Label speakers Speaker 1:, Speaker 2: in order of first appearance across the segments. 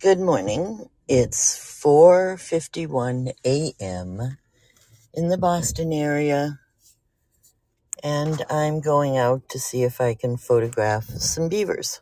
Speaker 1: Good morning. It's 4:51 a.m. in the Boston area and I'm going out to see if I can photograph some beavers.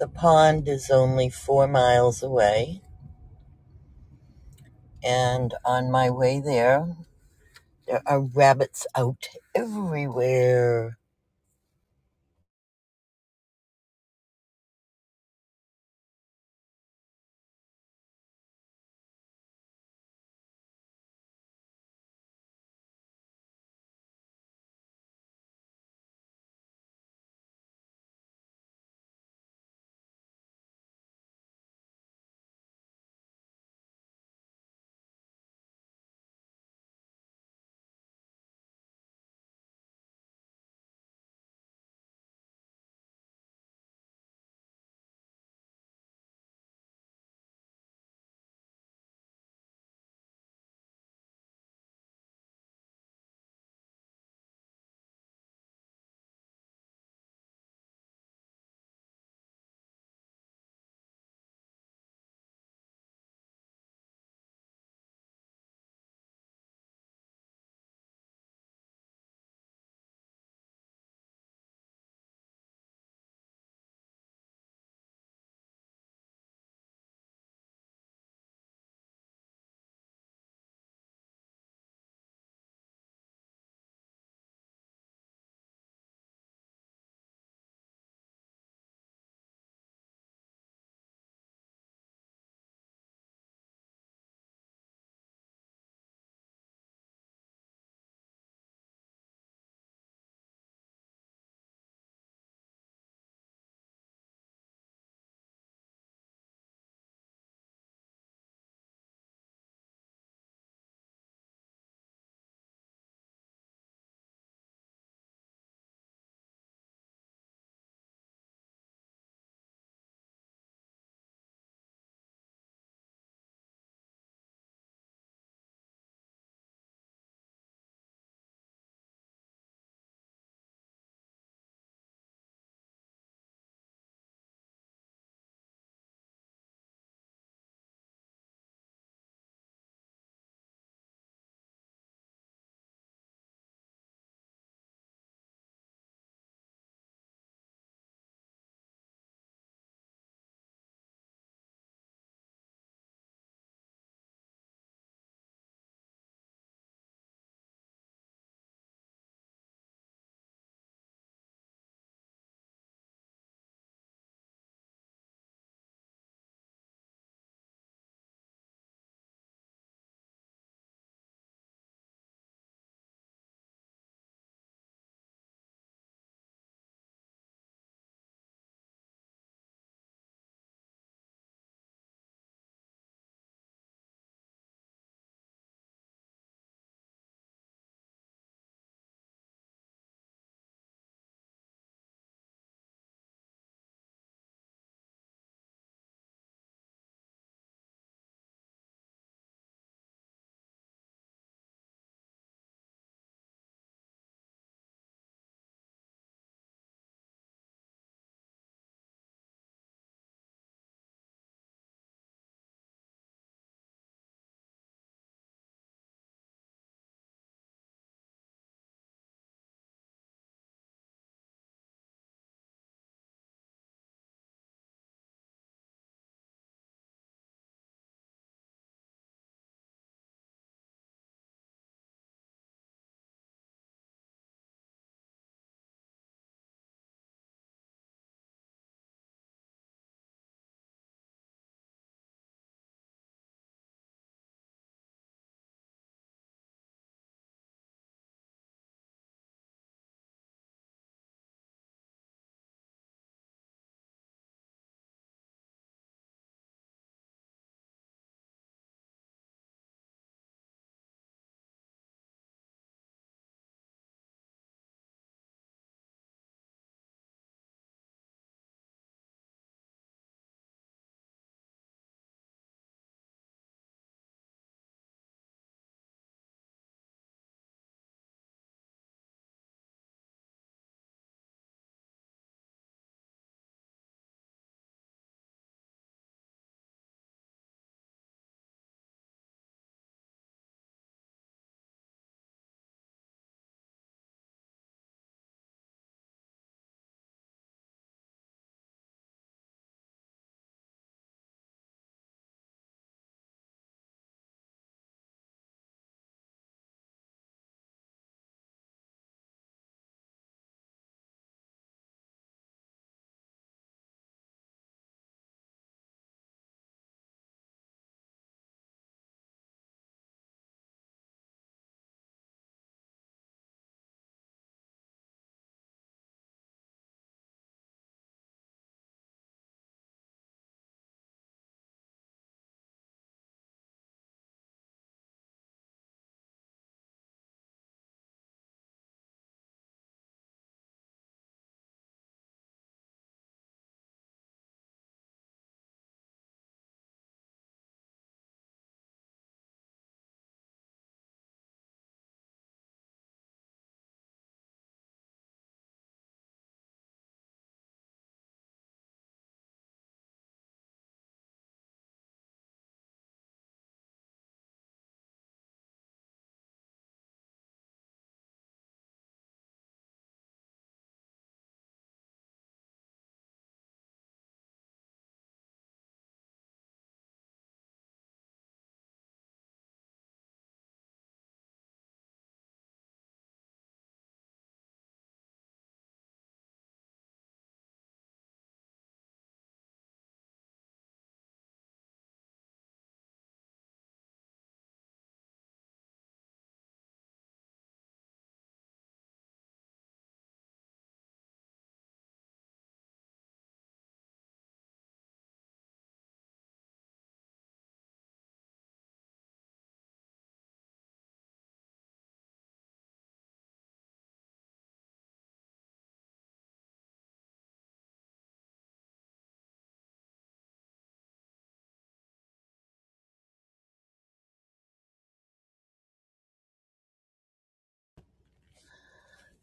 Speaker 1: The pond is only 4 miles away and on my way there there are rabbits out everywhere.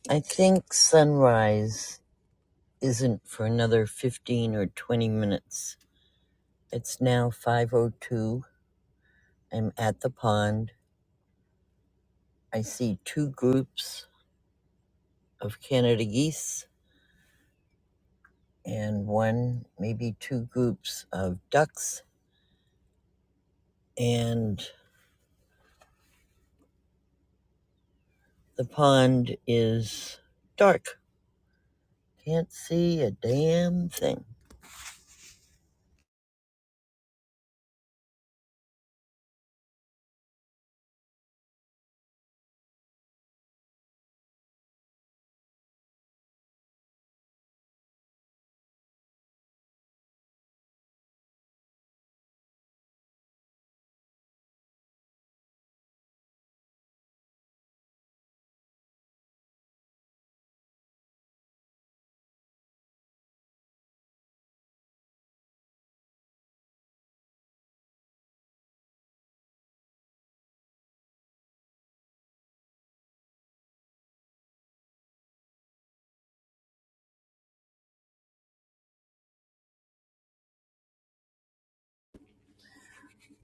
Speaker 1: I think sunrise isn't for another 15 or 20 minutes. It's now 5:02. I'm at the pond. I see two groups of Canada geese and one, maybe two groups of ducks. And the pond is dark. Can't see a damn thing.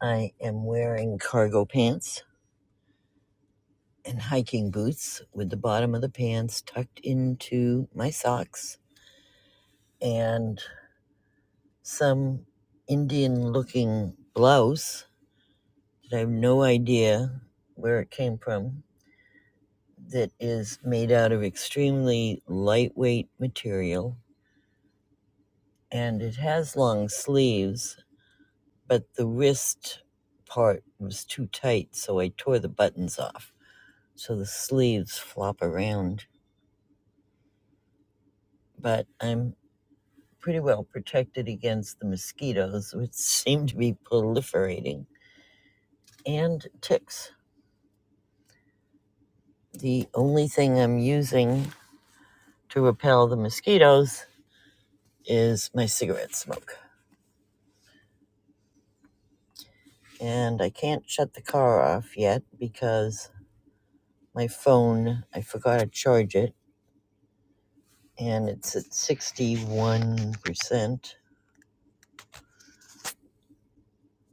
Speaker 1: I am wearing cargo pants and hiking boots with the bottom of the pants tucked into my socks and some Indian looking blouse that I have no idea where it came from that is made out of extremely lightweight material and it has long sleeves, but the wrist part was too tight, so I tore the buttons off. So the sleeves flop around, but I'm pretty well protected against the mosquitoes, which seem to be proliferating, and ticks. The only thing I'm using to repel the mosquitoes is my cigarette smoke. and I can't shut the car off yet because my phone, I forgot to charge it, and it's at 61%.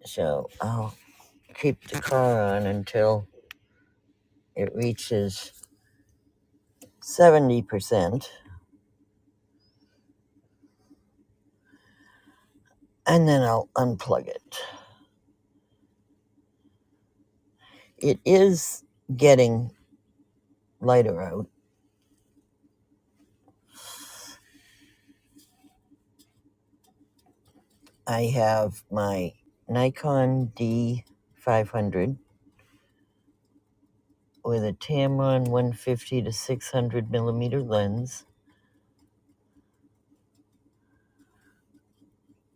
Speaker 1: So I'll keep the car on until it reaches 70%, and then I'll unplug it. It is getting lighter out. I have my Nikon D500 with a Tamron 150 to 600 millimeter lens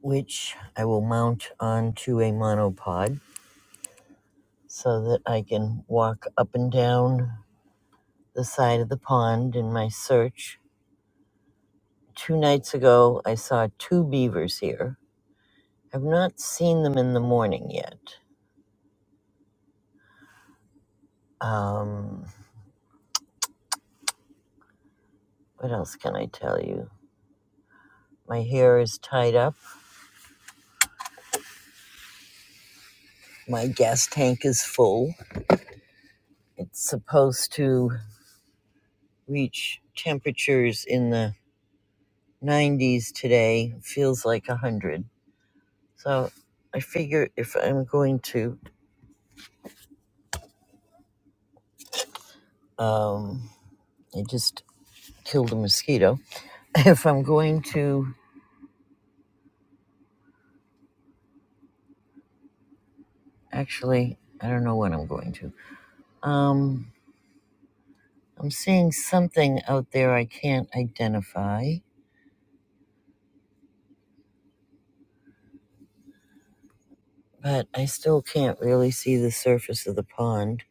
Speaker 1: which I will mount onto a monopod so that I can walk up and down the side of the pond in my search. Two nights ago, I saw two beavers here. I've not seen them in the morning yet. Um, what else can I tell you? My hair is tied up. My gas tank is full. It's supposed to reach temperatures in the 90s today. Feels like 100 So I figure if I'm going to, um, I just killed a mosquito. If I'm going to, actually, I don't know when I'm going to. Um, I'm seeing something out there I can't identify, but I still can't really see the surface of the pond.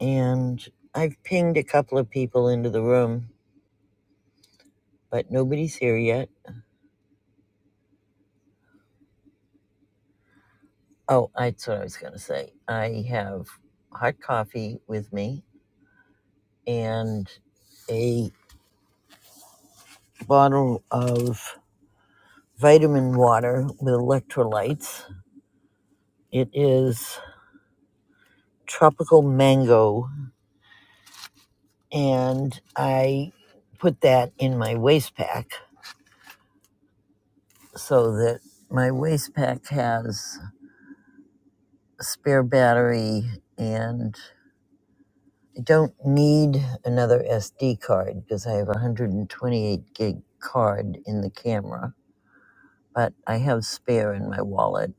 Speaker 1: And I've pinged a couple of people into the room, but nobody's here yet. Oh, that's what I was going to say. I have hot coffee with me and a bottle of vitamin water with electrolytes. It is tropical mango, and I put that in my waste pack so that my waste pack has a spare battery and I don't need another SD card because I have a 128 gig card in the camera, but I have spare in my wallet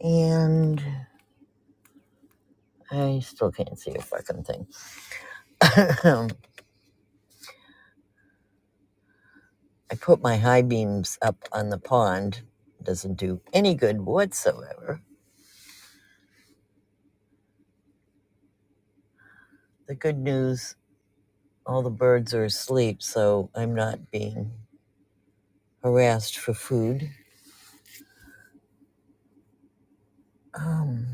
Speaker 1: and I still can't see a fucking thing. I put my high beams up on the pond. Doesn't do any good whatsoever. The good news all the birds are asleep, so I'm not being harassed for food. Um,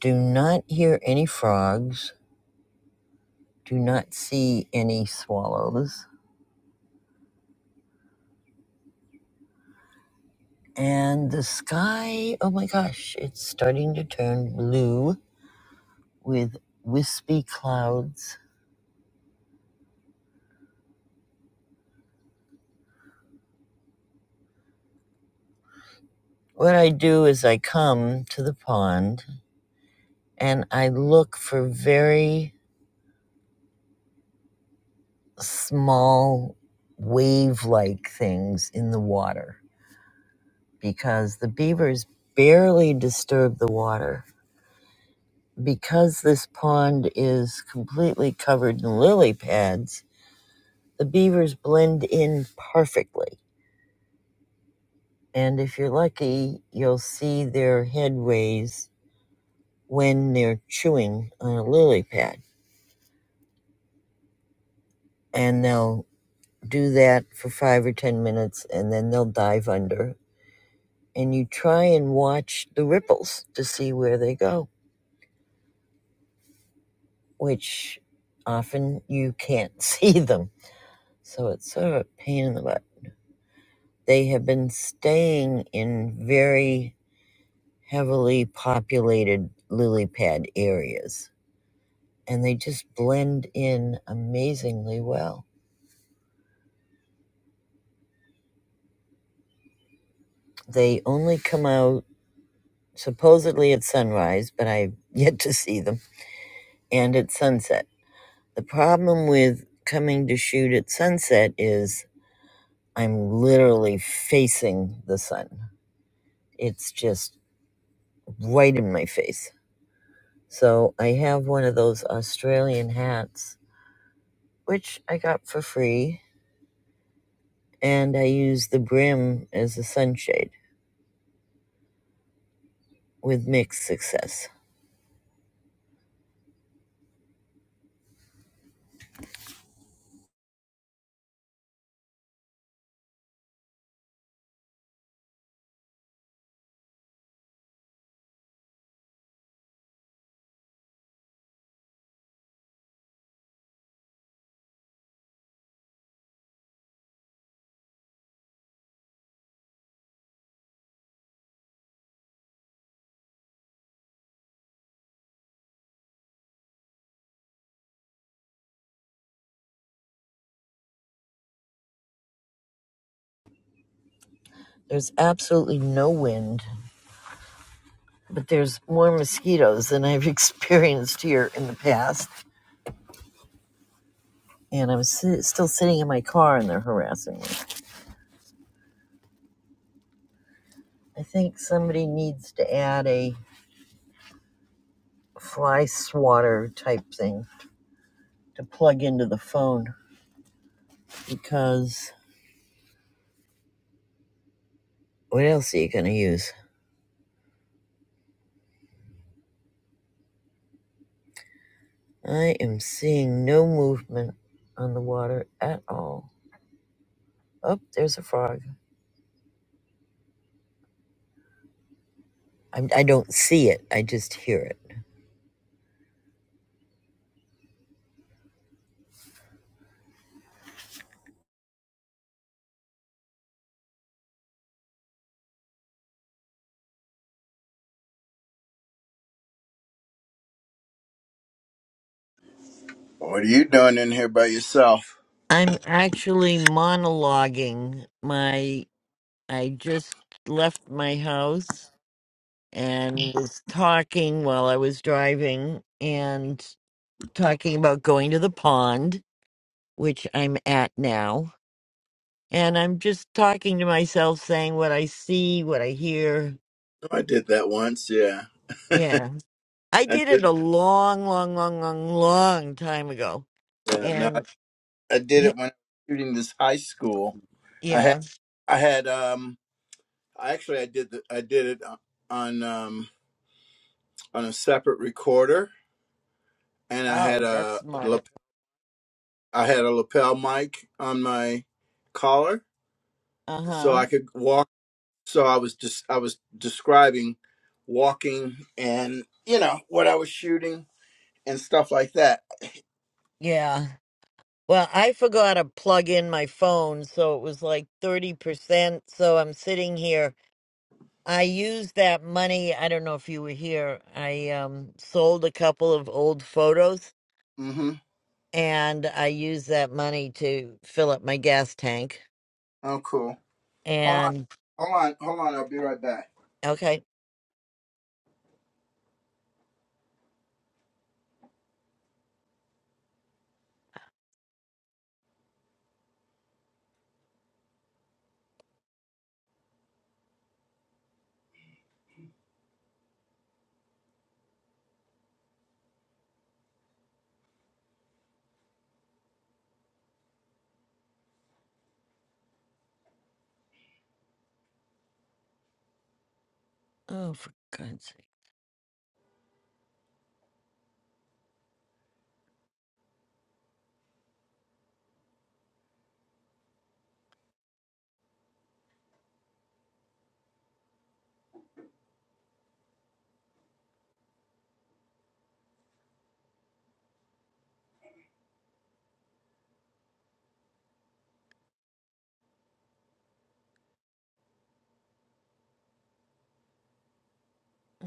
Speaker 1: do not hear any frogs. Do not see any swallows. And the sky, oh my gosh, it's starting to turn blue with wispy clouds. What I do is I come to the pond and I look for very small wave like things in the water because the beavers barely disturb the water. Because this pond is completely covered in lily pads, the beavers blend in perfectly. And if you're lucky, you'll see their headways when they're chewing on a lily pad. And they'll do that for five or ten minutes and then they'll dive under and you try and watch the ripples to see where they go, which often you can't see them. So it's sort of a pain in the butt. They have been staying in very heavily populated lily pad areas, and they just blend in amazingly well. They only come out supposedly at sunrise, but I've yet to see them, and at sunset. The problem with coming to shoot at sunset is I'm literally facing the sun. It's just right in my face. So I have one of those Australian hats, which I got for free, and I use the brim as a sunshade with mixed success. There's absolutely no wind, but there's more mosquitoes than I've experienced here in the past. And I'm si- still sitting in my car and they're harassing me. I think somebody needs to add a fly swatter type thing to plug into the phone because what else are you going to use? I am seeing no movement on the water at all. Oh, there's a frog. I, I don't see it, I just hear it.
Speaker 2: What are you doing in here by yourself?
Speaker 1: I'm actually monologuing my. I just left my house and was talking while I was driving and talking about going to the pond, which I'm at now And I'm just talking to myself, saying what I see, what I hear.
Speaker 2: I did that once, yeah.
Speaker 1: Yeah. I
Speaker 2: I
Speaker 1: did
Speaker 2: did
Speaker 1: it a long, long, long, long, long time ago.
Speaker 2: yeah, no, I
Speaker 1: And
Speaker 2: I did it when I was shooting this high school. I had
Speaker 1: yeah.
Speaker 2: I had um I actually I did the, I did it on um on a separate recorder and I had
Speaker 1: Oh, that's
Speaker 2: a
Speaker 1: smart.
Speaker 2: lap- I had a lapel mic on my collar
Speaker 1: Uh
Speaker 2: so
Speaker 1: huh.
Speaker 2: I could walk so I was just I was describing walking and you know what I was shooting and stuff like that.
Speaker 1: Yeah. Well, I forgot to plug in my phone, so it was like 30%. So I'm sitting here. I used that money. I don't know if you were here. I um, sold a couple of old photos
Speaker 2: Mhm.
Speaker 1: and I used that money to fill up my gas tank.
Speaker 2: Oh cool. Hold on.
Speaker 1: And
Speaker 2: Hold on. Hold on. I'll be right back.
Speaker 1: okay. Oh, for God's sake.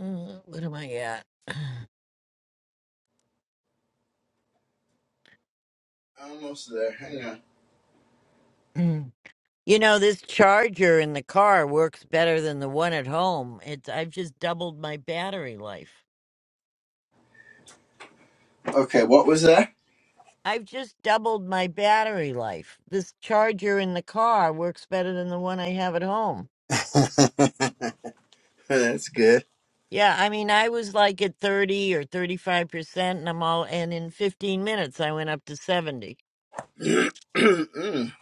Speaker 1: Uh, What am I at?
Speaker 2: Almost there. Hang on.
Speaker 1: Mm. you know, this charger in the car works better than the one at home. It's I've just doubled my battery life.
Speaker 2: Okay, what was that?
Speaker 1: I've just doubled my battery life. This charger in the car works better than the one I have at home.
Speaker 2: That's good.
Speaker 1: Yeah, I mean, I was like at 30 or 35%, and I'm all, and in 15 minutes, I went up to 70.
Speaker 2: Mm,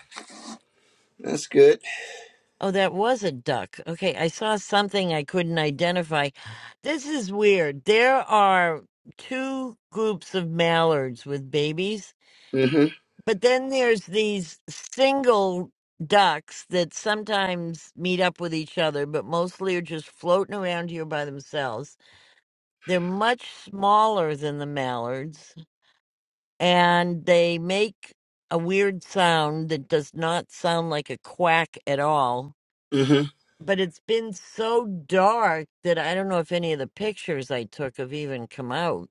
Speaker 2: That's good.
Speaker 1: Oh, that was a duck. Okay, I saw something I couldn't identify. This is weird. There are two groups of mallards with babies,
Speaker 2: Mm-hmm.
Speaker 1: but then there's these single ducks that sometimes meet up with each other, but mostly are just floating around here by themselves. They're much smaller than the mallards, and they make a weird sound that does not sound like a quack at all
Speaker 2: Mm-hmm.
Speaker 1: but it's been so dark that I don't know if any of the pictures I took have even come out.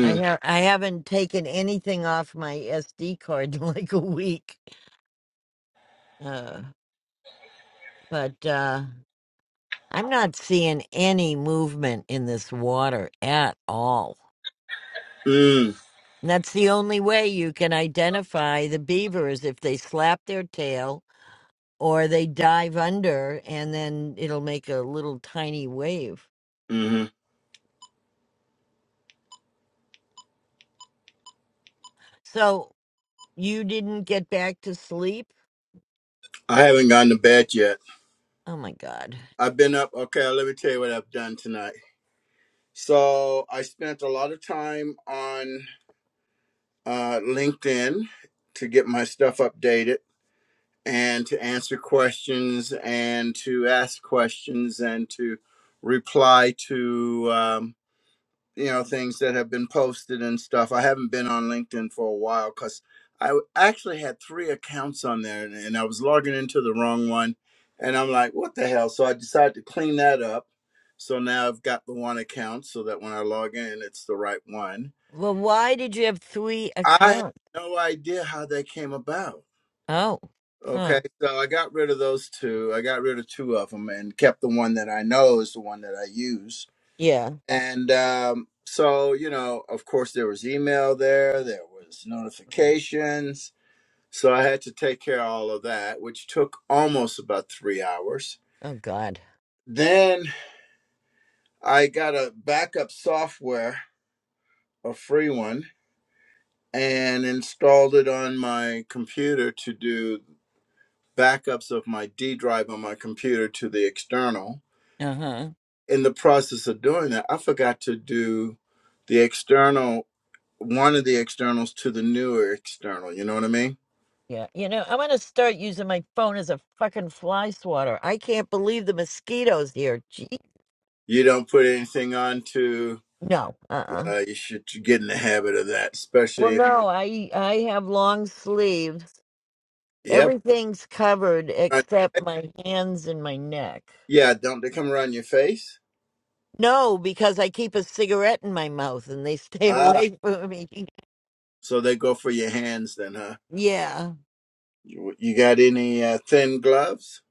Speaker 1: I ha- I haven't taken anything off my SD card in like a week. Uh, but uh, I'm not seeing any movement in this water at all.
Speaker 2: Mm.
Speaker 1: And that's the only way you can identify the beaver is if they slap their tail or they dive under and then it'll make a little tiny wave.
Speaker 2: Mm-hmm.
Speaker 1: So you didn't get back to sleep?
Speaker 2: I haven't gone to bed yet.
Speaker 1: Oh my God.
Speaker 2: I've been up. Okay, let me tell you what I've done tonight. So I spent a lot of time on uh, LinkedIn to get my stuff updated. and to answer questions and to ask questions and to reply to um, you know things that have been posted and stuff. I haven't been on LinkedIn for a while because I w- actually had three accounts on there and, and I was logging into the wrong one, and I'm like, what the hell? So I decided to clean that up. So now I've got the one account so that when I log in, it's the right one.
Speaker 1: Well, why did you have three
Speaker 2: I have
Speaker 1: accounts?
Speaker 2: no idea how that came about
Speaker 1: Oh, huh.
Speaker 2: Okay, so I got rid of those two. I got rid of two of them and kept the one that I know is the one that I use.
Speaker 1: Yeah.
Speaker 2: And um, so, you know, of course, there was email there, there was notifications. So I had to take care of all of that, which took almost about three hours.
Speaker 1: Oh God.
Speaker 2: Then I got a backup software, a free one, and installed it on my computer to do backups of my D drive on my computer to the external
Speaker 1: Uh huh.
Speaker 2: in the process of doing that, I forgot to do the external, one of the externals to the newer external. You know what I mean?
Speaker 1: Yeah. You know, I want to start using my phone as a fucking fly swatter. I can't believe the mosquitoes here. Gee.
Speaker 2: You don't put anything on to,
Speaker 1: No. Uh uh
Speaker 2: uh, you should get in the habit of that,
Speaker 1: Well,
Speaker 2: especially if,
Speaker 1: no. I I have long sleeves.
Speaker 2: yep.
Speaker 1: Everything's covered
Speaker 2: uh,
Speaker 1: except my hands and my neck.
Speaker 2: Yeah, don't they come around your face?
Speaker 1: No, because I keep a cigarette in my mouth and they stay
Speaker 2: Ah,
Speaker 1: away from me.
Speaker 2: so they go for your hands then, huh?
Speaker 1: Yeah.
Speaker 2: You, you got any uh, thin gloves?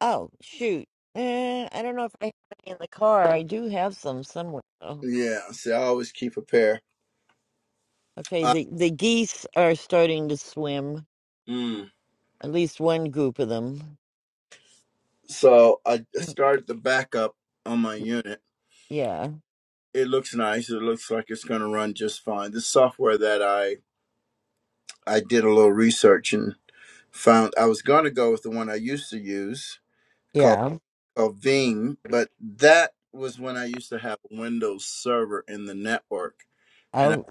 Speaker 1: Oh, shoot. Eh, I don't know if I have any in the car. I do have some somewhere. though.
Speaker 2: Yeah, see, I always keep a pair.
Speaker 1: Okay,
Speaker 2: Uh,
Speaker 1: the the geese are starting to swim.
Speaker 2: mm.
Speaker 1: At least one group of them.
Speaker 2: So I
Speaker 1: Mm,
Speaker 2: started the backup on my unit
Speaker 1: Yeah.
Speaker 2: it looks nice. It looks like it's going to run just fine. The software that I I did a little research and found I was going to go with the one I used to use called
Speaker 1: Yeah.
Speaker 2: called Veeam, but that was when I used to have a Windows server in the network and
Speaker 1: Oh,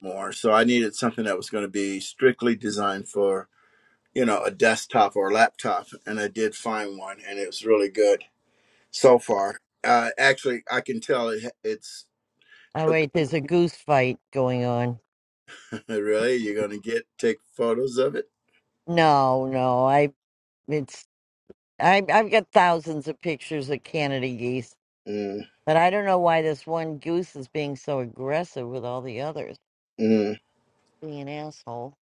Speaker 2: more. So I needed something that was going to be strictly designed for you know a desktop or a laptop, and I did find one, and it was really good so far. Uh, actually, I can tell it, it's
Speaker 1: oh wait, there's a goose fight going on.
Speaker 2: really you're going to get take photos of it
Speaker 1: No, no. I it's I I've got thousands of pictures of Canada geese,
Speaker 2: Mm,
Speaker 1: but I don't know why this one goose is being so aggressive with all the others.
Speaker 2: mm.
Speaker 1: Being an asshole.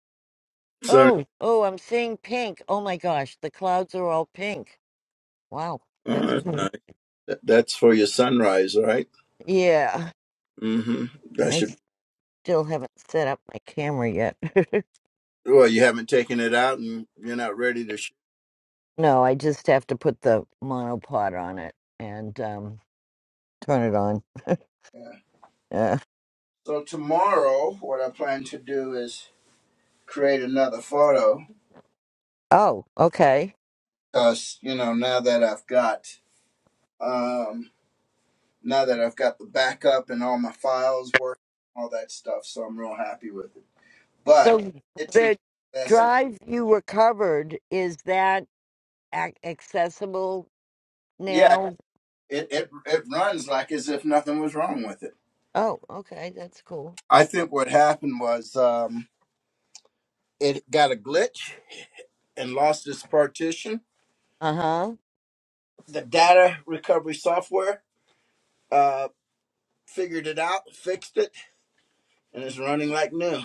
Speaker 2: So,
Speaker 1: Oh, oh, I'm seeing pink. Oh my gosh, the clouds are all pink. Wow,
Speaker 2: oh,
Speaker 1: that's
Speaker 2: that's nice. Th- That's for your sunrise, right?
Speaker 1: yeah.
Speaker 2: Mm-hmm. That
Speaker 1: I
Speaker 2: should.
Speaker 1: still haven't set up my camera yet.
Speaker 2: Well, you haven't taken it out, and you're not ready to. Sh-
Speaker 1: no, I just have to put the monopod on it and um, turn it on.
Speaker 2: yeah.
Speaker 1: Uh,
Speaker 2: So tomorrow, what I plan to do is create another photo,
Speaker 1: oh, okay.
Speaker 2: cause you know now that I've got, um, now that I've got the backup and all my files work, all that stuff. So I'm real happy with it. But
Speaker 1: So
Speaker 2: it
Speaker 1: the
Speaker 2: teaches a lesson.
Speaker 1: drive you recovered is that ac- accessible
Speaker 2: Yeah,
Speaker 1: now?
Speaker 2: it it it runs like as if nothing was wrong with it.
Speaker 1: Oh, okay, that's cool.
Speaker 2: I think what happened was um, it got a glitch and lost its partition.
Speaker 1: Uh huh.
Speaker 2: The data recovery software uh, figured it out, fixed it, and it's running like new.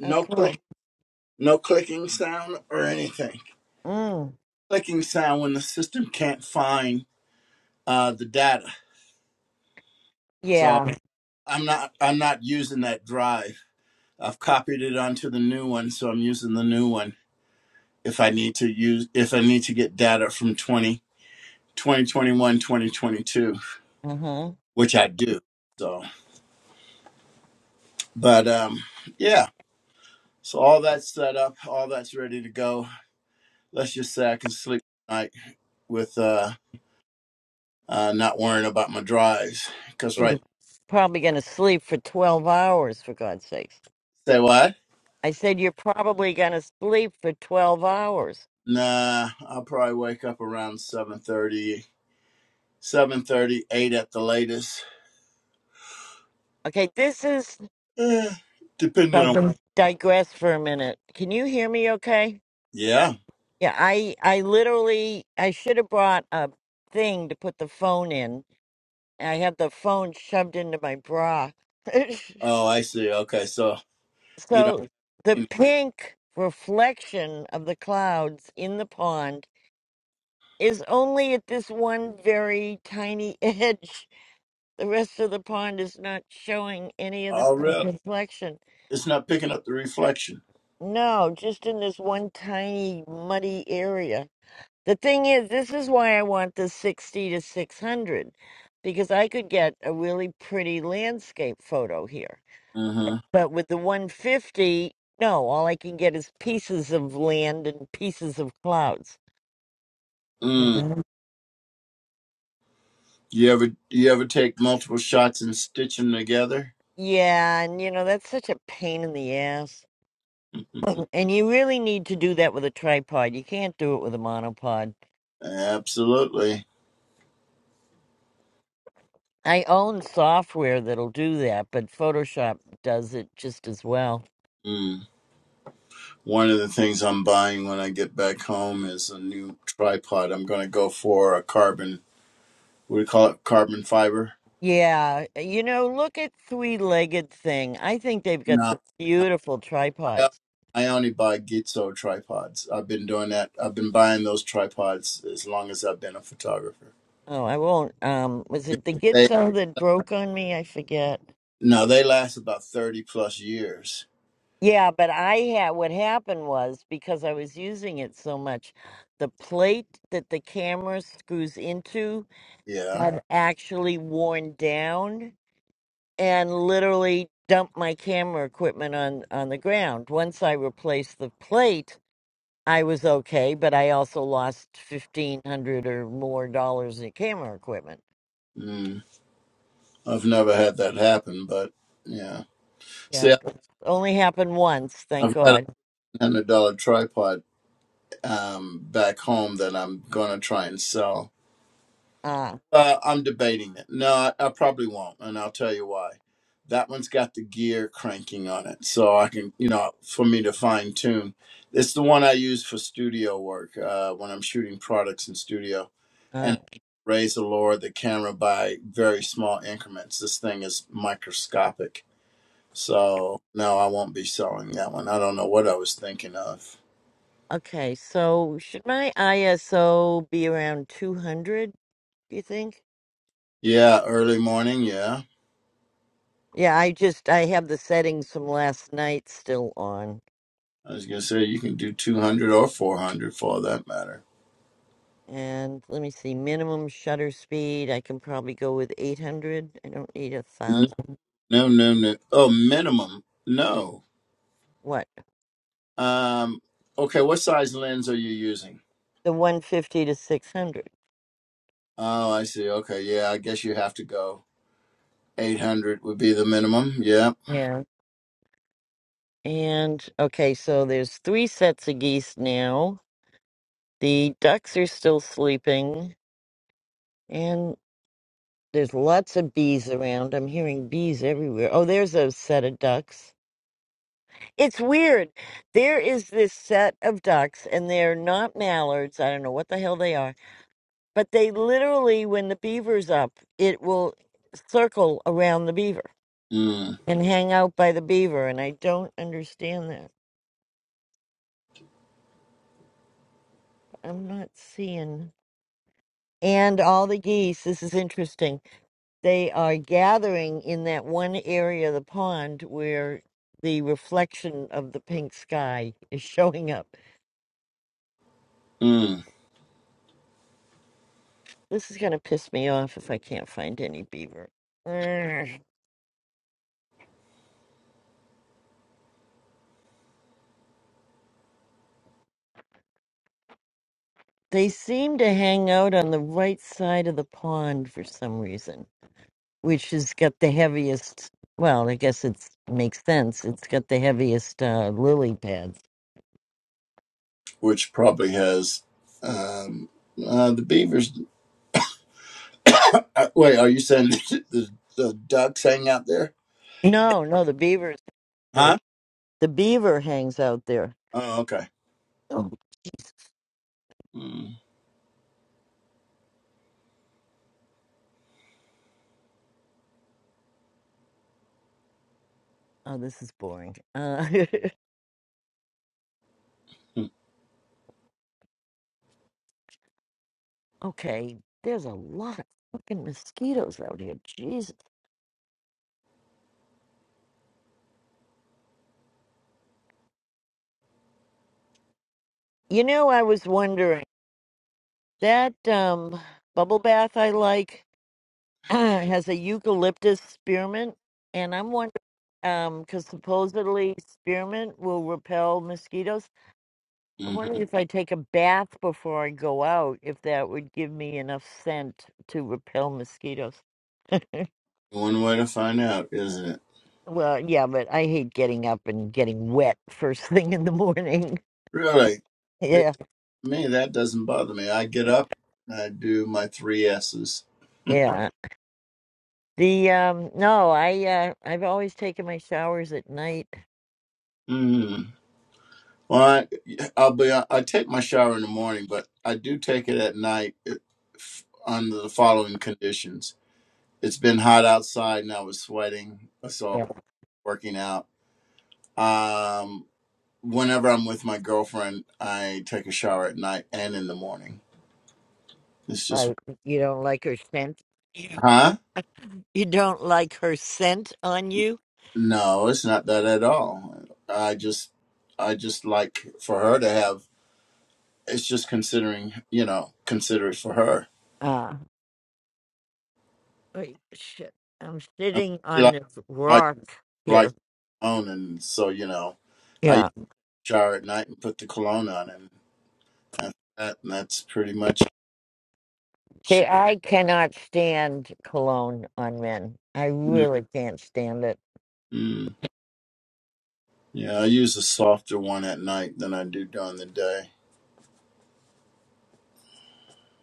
Speaker 1: Oh,
Speaker 2: click,
Speaker 1: cool.
Speaker 2: no clicking sound or anything.
Speaker 1: Mm,
Speaker 2: Clicking sound when the system can't find uh, the data. So
Speaker 1: yeah.
Speaker 2: I'm not I'm not using that drive. I've copied it onto the new one, so I'm using the new one if I need to use if I need to get data from 20 2021 2022.
Speaker 1: Uh huh.
Speaker 2: which I do. So, but um, yeah. So all that's set up, all that's ready to go. Let's just say I can sleep tonight with uh, uh not worrying about my drives. Cause right,
Speaker 1: You're probably gonna sleep for twelve hours, for God's sakes.
Speaker 2: say what?
Speaker 1: I said, You're probably going to sleep for 12 hours.
Speaker 2: Nah, I'll probably wake up around 7.30, 7.30, 8 at the latest,
Speaker 1: Okay, this is, if
Speaker 2: eh, depending
Speaker 1: I
Speaker 2: on.
Speaker 1: can digress for a minute. Can you hear me okay?
Speaker 2: Yeah.
Speaker 1: Yeah, I, I literally, I should have brought a thing to put the phone in. I had the phone shoved into my bra.
Speaker 2: Oh, I see. Okay, so you know.
Speaker 1: so the pink reflection of the clouds in the pond is only at this one very tiny edge. The rest of the pond is not showing any of the
Speaker 2: Oh,
Speaker 1: pink
Speaker 2: really?
Speaker 1: reflection.
Speaker 2: It's not picking up the reflection.
Speaker 1: No, just in this one tiny muddy area. The thing is, this is why I want the 60 to 600 because I could get a really pretty landscape photo here.
Speaker 2: Mm-hmm.
Speaker 1: But with the 150, no, all I can get is pieces of land and pieces of clouds. You
Speaker 2: mm.
Speaker 1: know?
Speaker 2: You ever you ever take multiple shots and stitch them together?
Speaker 1: Yeah, and you know, that's such a pain in the ass. And you really need to do that with a tripod. You can't do it with a monopod.
Speaker 2: Absolutely.
Speaker 1: I own software that'll do that, but Photoshop does it just as well.
Speaker 2: Mm. One of the things I'm buying when I get back home is a new tripod. I'm going to go for a carbon. What do you call it? Carbon fiber.
Speaker 1: Yeah, you know, look at three-legged thing. I think they've got
Speaker 2: No,
Speaker 1: some beautiful
Speaker 2: I,
Speaker 1: tripods.
Speaker 2: I only buy Gitzo tripods. I've been doing that. I've been buying those tripods as long as I've been a photographer.
Speaker 1: Oh, I won't. Um, was it the
Speaker 2: They
Speaker 1: Gitzo that broke on me? I forget.
Speaker 2: no, they last about thirty plus years.
Speaker 1: Yeah, but I had what happened was because I was using it so much, the plate that the camera screws into
Speaker 2: Yeah.
Speaker 1: had actually worn down and literally dumped my camera equipment on on the ground. Once I replaced the plate, I was okay, but I also lost fifteen hundred or more dollars in camera equipment.
Speaker 2: Mm. I've never had that happen, but yeah.
Speaker 1: Yeah,
Speaker 2: See,
Speaker 1: it only happened once, thank
Speaker 2: I've got
Speaker 1: God.
Speaker 2: hundred dollar tripod um, back home that I'm gonna try and sell.
Speaker 1: Ah,
Speaker 2: Uh, I'm debating it. No, I, I probably won't, and I'll tell you why. That one's got the gear cranking on it, so I can, you know, for me to fine tune. It's the one I use for studio work uh, when I'm shooting products in studio,
Speaker 1: uh,
Speaker 2: and raise the lower the camera by very small increments. This thing is microscopic, so no, I won't be selling that one. I don't know what I was thinking of.
Speaker 1: okay, so should my ISO be around two hundred? Do you think?
Speaker 2: Yeah, early morning. Yeah,
Speaker 1: Yeah, I just I have the settings from last night still on.
Speaker 2: I was gonna say you can do two hundred or four hundred for all that matter.
Speaker 1: And let me see, minimum shutter speed, I can probably go with 800. I don't need a
Speaker 2: No,
Speaker 1: thousand.
Speaker 2: no, no, no. Oh, minimum. No.
Speaker 1: What?
Speaker 2: Um. Okay. What size lens are you using?
Speaker 1: The 150 to 600.
Speaker 2: Oh, I see. Okay. Yeah. I guess you have to go eight hundred would be the minimum. Yeah.
Speaker 1: Yeah. And okay, so there's three sets of geese now. The ducks are still sleeping, and there's lots of bees around. I'm hearing bees everywhere. Oh, there's a set of ducks. It's weird. There is this set of ducks, and they're not mallards. I don't know what the hell they are but they literally, when the beaver's up, it will circle around the beaver
Speaker 2: Mm.
Speaker 1: and hang out by the beaver. And I don't understand that. I'm not seeing. And all the geese, this is interesting, they are gathering in that one area of the pond where the reflection of the pink sky is showing up.
Speaker 2: Mm.
Speaker 1: This is going to piss me off if I can't find any beaver. Urgh. They seem to hang out on the right side of the pond for some reason which has got the heaviest. Well, I guess it's makes sense. It's got the heaviest uh, lily pads.
Speaker 2: Which probably has. Um. Uh, the beavers. Uh, Wait. Are you saying the, the ducks hang out there?
Speaker 1: No, no, the beaver's there.
Speaker 2: Huh?
Speaker 1: The beaver hangs out there.
Speaker 2: Oh. Okay.
Speaker 1: Oh,
Speaker 2: Mm.
Speaker 1: oh this is boring. Uh,
Speaker 2: mm,
Speaker 1: okay, there's a lot of fucking mosquitoes out here. Jesus. You know, I was wondering that um, bubble bath I like has a eucalyptus spearmint, and I'm wondering um because supposedly spearmint will repel mosquitoes I'm
Speaker 2: mm-hmm.
Speaker 1: wondering if I take a bath before I go out, if that would give me enough scent to repel mosquitoes.
Speaker 2: One way to find out, isn't it?
Speaker 1: Well, yeah, but I hate getting up and getting wet first thing in the morning.
Speaker 2: Really? See,
Speaker 1: Yeah,
Speaker 2: me, that doesn't bother me. I get up, I do my three S's.
Speaker 1: yeah. The um, no, I uh, I've always taken my showers at night.
Speaker 2: Mm. Well, I, I'll be. I take my shower in the morning, but I do take it at night if, under the following conditions: it's been hot outside, and I was sweating, so
Speaker 1: Yeah,
Speaker 2: working out. Um, whenever I'm with my girlfriend, I take a shower at night and in the morning. It's just,
Speaker 1: right. You don't like her scent. You
Speaker 2: huh?
Speaker 1: you don't like her scent on you.
Speaker 2: No, it's not that at all. I just, I just like for her to have. It's just considering, you know, consider it for her.
Speaker 1: Uh, wait, shit. I'm
Speaker 2: I mean,
Speaker 1: sitting
Speaker 2: she
Speaker 1: on
Speaker 2: likes
Speaker 1: this
Speaker 2: like
Speaker 1: rock
Speaker 2: like
Speaker 1: here.
Speaker 2: cologne, and so you know, I
Speaker 1: Yeah.
Speaker 2: used to shower at night and put the cologne on, and and, that, and that's pretty much.
Speaker 1: See,
Speaker 2: She,
Speaker 1: I cannot stand cologne on men. I
Speaker 2: mm,
Speaker 1: really can't stand it.
Speaker 2: mm. yeah, I use a softer one at night than I do during the day.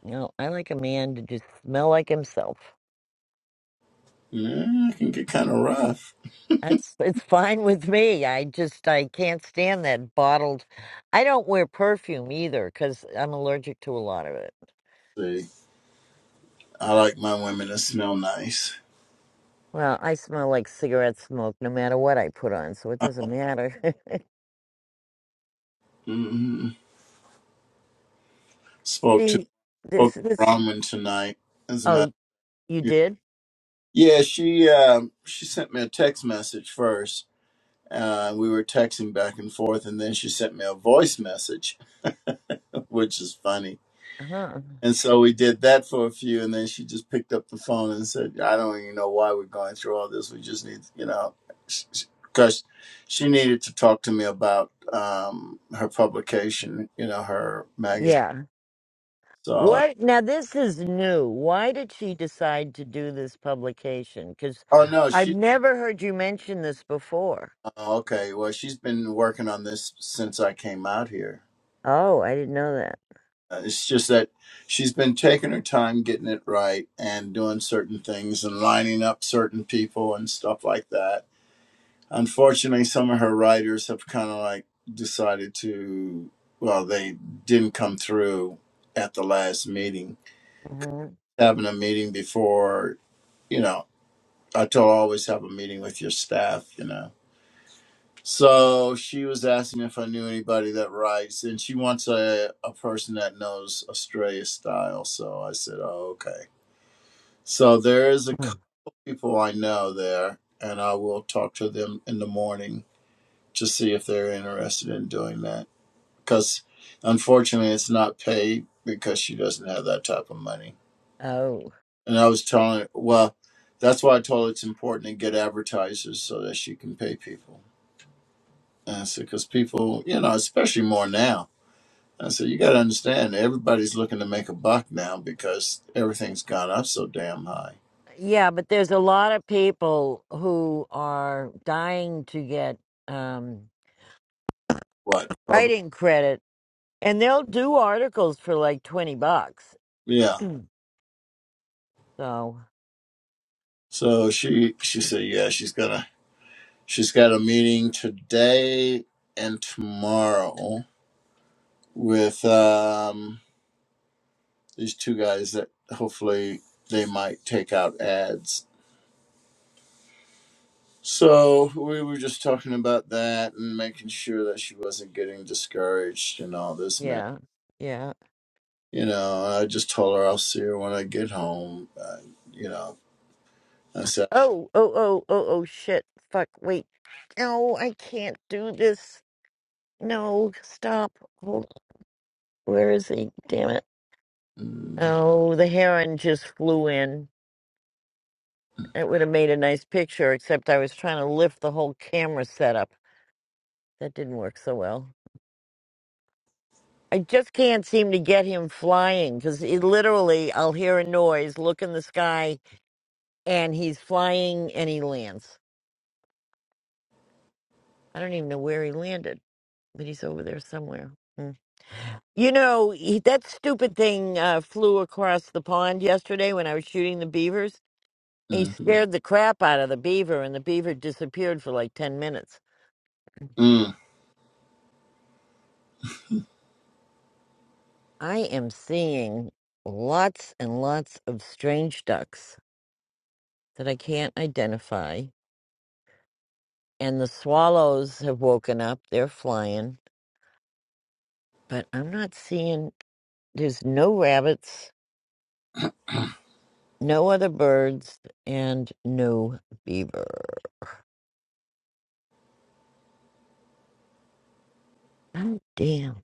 Speaker 1: You know, I like a man to just smell like himself.
Speaker 2: Yeah, it can get kind of rough.
Speaker 1: That's it's fine with me. I just I can't stand that bottled. I don't wear perfume either because I'm allergic to a lot of it.
Speaker 2: See, I like my women to smell nice.
Speaker 1: Well, I smell like cigarette smoke no matter what I put on, so it doesn't matter.
Speaker 2: hmm Spoke
Speaker 1: See, this
Speaker 2: spoke to
Speaker 1: this.
Speaker 2: Bronwyn tonight. As a matter,
Speaker 1: Oh, you
Speaker 2: yeah,
Speaker 1: did?
Speaker 2: Yeah, she um she sent me a text message first. Uh, we were texting back and forth, and then she sent me a voice message, which is funny.
Speaker 1: Huh?
Speaker 2: And so we did that for a few, and then she just picked up the phone and said, "I don't even know why we're going through all this. We just need, you know, because she needed to talk to me about um, her publication, you know, her magazine."
Speaker 1: yeah.
Speaker 2: So,
Speaker 1: What now? This is new. Why did she decide to do this publication? Because
Speaker 2: oh no, she
Speaker 1: I've never heard you mention this before.
Speaker 2: Oh, Okay, well, she's been working on this since I came out here.
Speaker 1: Oh, I didn't know that.
Speaker 2: Uh, It's just that she's been taking her time getting it right and doing certain things and lining up certain people and stuff like that. Unfortunately, some of her writers have kind of like decided to, well, they didn't come through at the last meeting. Having a meeting before, you know, I told her, always have a meeting with your staff, you know So she was asking if I knew anybody that writes, and she wants a, a person that knows Australia style. So I said, oh, okay. So there is a
Speaker 1: hmm
Speaker 2: couple people I know there, and I will talk to them in the morning to see if they're interested in doing that. Because unfortunately, it's not paid because she doesn't have that type of money.
Speaker 1: Oh,
Speaker 2: And I was telling her, well, that's why I told her it's important to get advertisers so that she can pay people. And I said, because people, you know, especially more now I said, you got to understand, everybody's looking to make a buck now because everything's gone up so damn high.
Speaker 1: yeah, but there's a lot of people who are dying to get um,
Speaker 2: What? Probably.
Speaker 1: writing credit, and they'll do articles for like twenty bucks.
Speaker 2: Yeah.
Speaker 1: so
Speaker 2: So she she said, yeah, she's gonna she's got a meeting today and tomorrow with um these two guys that hopefully they might take out ads. So we were just talking about that and making sure that she wasn't getting discouraged and all this mess.
Speaker 1: yeah, yeah.
Speaker 2: you know, I just told her I'll see her when I get home. Uh, you know, I said,
Speaker 1: Oh, oh, oh, oh, oh, shit! Fuck! Wait. No, I can't do this. No, stop. Hold Where is he? Damn it.
Speaker 2: mm,
Speaker 1: Oh, the heron just flew in. It would have made a nice picture, except I was trying to lift the whole camera setup. That didn't work so well. I just can't seem to get him flying because he literally, I'll hear a noise, look in the sky, and he's flying and he lands. I don't even know where he landed, but he's over there somewhere. Hmm. You know, he, that stupid thing uh, flew across the pond yesterday when I was shooting the beavers He
Speaker 2: mm-hmm,
Speaker 1: scared the crap out of the beaver, and the beaver disappeared for like 10 minutes.
Speaker 2: mm,
Speaker 1: I am seeing lots and lots of strange ducks that I can't identify, and the swallows have woken up. They're flying, but I'm not seeing, there's no rabbits, no other birds, and no beaver. Oh, damn.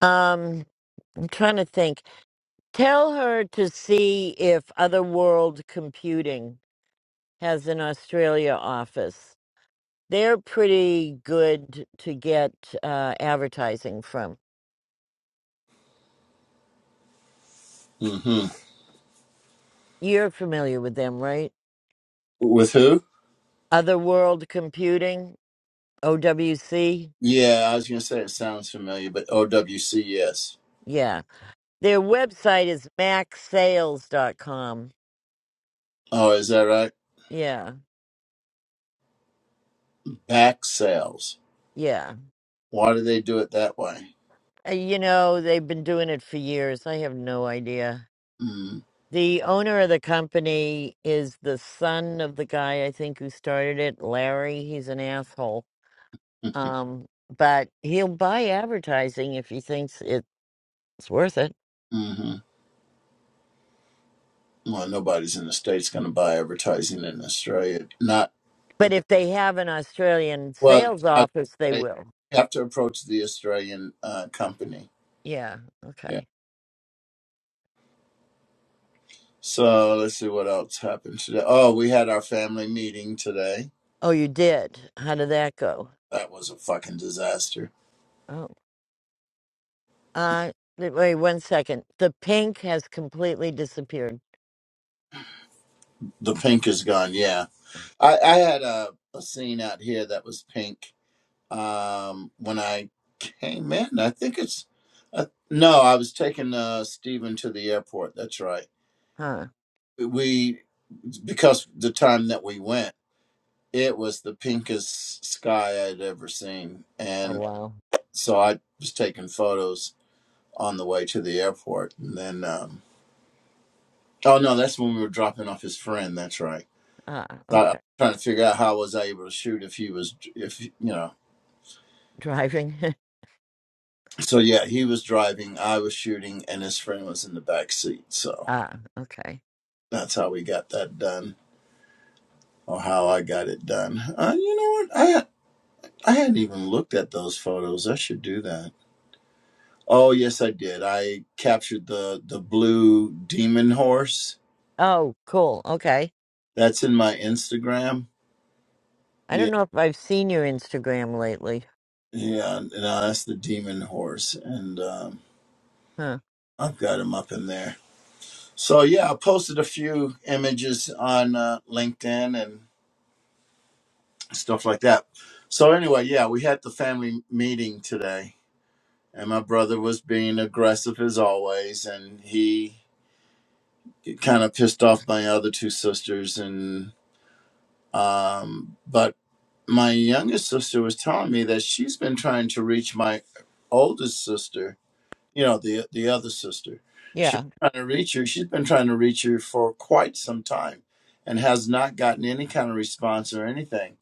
Speaker 1: Um, I'm trying to think. Tell her to see if other world computing has an Australia office. They're pretty good to get uh, advertising from.
Speaker 2: mm-hmm.
Speaker 1: You're familiar with them, right?
Speaker 2: with who?
Speaker 1: Otherworld Computing, OWC.
Speaker 2: Yeah, I was gonna say it sounds familiar, but OWC, yes.
Speaker 1: Yeah. Their website is max sales dot com.
Speaker 2: Oh, is that right?
Speaker 1: Yeah.
Speaker 2: Back sales.
Speaker 1: Yeah.
Speaker 2: Why do they do it that way?
Speaker 1: Uh, You know, they've been doing it for years. I have no idea.
Speaker 2: Mm,
Speaker 1: The owner of the company is the son of the guy I think who started it, Larry. He's an asshole
Speaker 2: mm-hmm.
Speaker 1: Um, but he'll buy advertising if he thinks it's worth it.
Speaker 2: mm-hmm. Well, nobody's in the states gonna buy advertising in Australia. Not
Speaker 1: But if they have an Australian
Speaker 2: well.
Speaker 1: sales
Speaker 2: I would
Speaker 1: office, they
Speaker 2: say
Speaker 1: will.
Speaker 2: you have to approach the Australian uh, company.
Speaker 1: Yeah. Okay.
Speaker 2: So let's see what else happened today. Oh, we had our family meeting today.
Speaker 1: Oh, you did. How did that go?
Speaker 2: That was a fucking disaster.
Speaker 1: Oh. Uh, th- wait one second. The pink has completely disappeared.
Speaker 2: The pink is gone. Yeah, I, I had a, a scene out here that was pink um, when I came in. I think it's uh, no. I was taking uh, Stephen to the airport. That's right.
Speaker 1: Huh.
Speaker 2: We because the time that we went, it was the pinkest sky I'd ever seen,
Speaker 1: Oh
Speaker 2: and
Speaker 1: wow.
Speaker 2: so I was taking photos on the way to the airport. And then, um, oh no, that's when we were dropping off his friend. That's right.
Speaker 1: Ah.
Speaker 2: So I, I'm
Speaker 1: Okay.
Speaker 2: trying to figure out how was I was able to shoot if he was, if you know.
Speaker 1: Driving.
Speaker 2: So yeah, he was driving, I was shooting, and his friend was in the back seat. So
Speaker 1: ah. Okay.
Speaker 2: that's how we got that done, or how I got it done. Uh, you know what? I I hadn't even looked at those photos. I should do that. Oh yes, I did. I captured the the blue demon horse.
Speaker 1: Oh, cool. Okay.
Speaker 2: That's in my Instagram.
Speaker 1: I
Speaker 2: Yeah.
Speaker 1: don't know if I've seen your Instagram lately.
Speaker 2: Yeah, no, that's the demon horse, and um,
Speaker 1: Huh.
Speaker 2: I've got him up in there. So yeah, I posted a few images on uh, LinkedIn and stuff like that. So anyway, yeah, we had the family meeting today, and my brother was being aggressive as always, and he kind of pissed off my other two sisters, and um, but my youngest sister was telling me that she's been trying to reach my oldest sister you know the the other sister she
Speaker 1: Yeah.
Speaker 2: was trying to reach her she's been trying to reach her for quite some time and has not gotten any kind of response or anything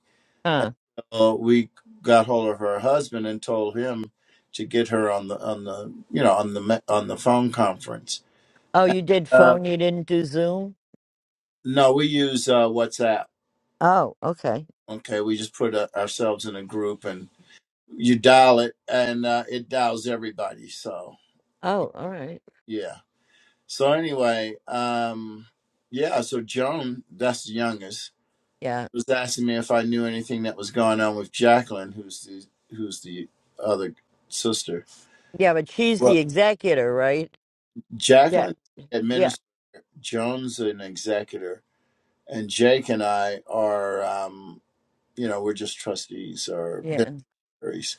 Speaker 1: Huh.
Speaker 2: uh, we got hold of her husband and told him to get her on the on the you know on the me- on the phone conference
Speaker 1: Oh, you did
Speaker 2: uh,
Speaker 1: phone. You didn't do Zoom.
Speaker 2: no we use uh, whatsapp
Speaker 1: Oh, okay.
Speaker 2: okay we just put uh ourselves in a group and you dial it and uh, it dials everybody so
Speaker 1: Oh, all right.
Speaker 2: yeah So anyway, um, yeah. So Joan, that's the youngest,
Speaker 1: Yeah.
Speaker 2: was asking me if I knew anything that was going on with Jacqueline, who's the who's the other sister.
Speaker 1: Yeah, but she's
Speaker 2: Well,
Speaker 1: the executor, right? Yeah,
Speaker 2: Jacqueline
Speaker 1: yeah.
Speaker 2: administers. Joan's an executor, and Jake and I are, um, you know, we're just trustees or
Speaker 1: Yeah.
Speaker 2: beneficiaries.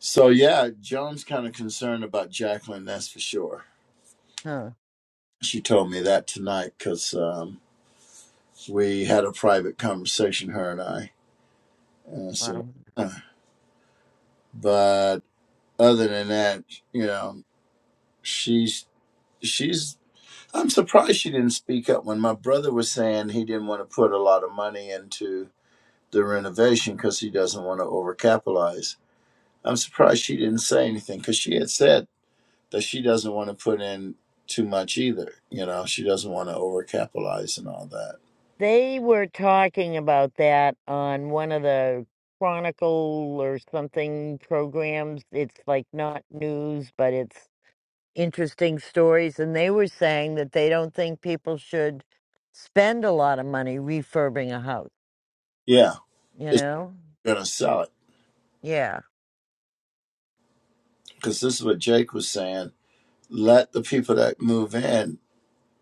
Speaker 2: So yeah, Joan's kind of concerned about Jacqueline, that's for sure.
Speaker 1: Huh.
Speaker 2: She told me that tonight because um, we had a private conversation, her and I And I said,
Speaker 1: Wow.
Speaker 2: "Huh." but other than that, you know, she's she's. I'm surprised she didn't speak up when my brother was saying he didn't want to put a lot of money into the renovation because he doesn't want to overcapitalize. I'm surprised she didn't say anything because she had said that she doesn't want to put in too much either. You know, she doesn't want to overcapitalize and all that.
Speaker 1: They were talking about that on one of the Chronicle or something programs. It's like not news, but it's interesting stories. And they were saying that they don't think people should spend a lot of money refurbing a house,
Speaker 2: Yeah,
Speaker 1: you
Speaker 2: it's
Speaker 1: know?
Speaker 2: gonna sell it
Speaker 1: Yeah.
Speaker 2: because this is what Jake was saying. Let the people that move in.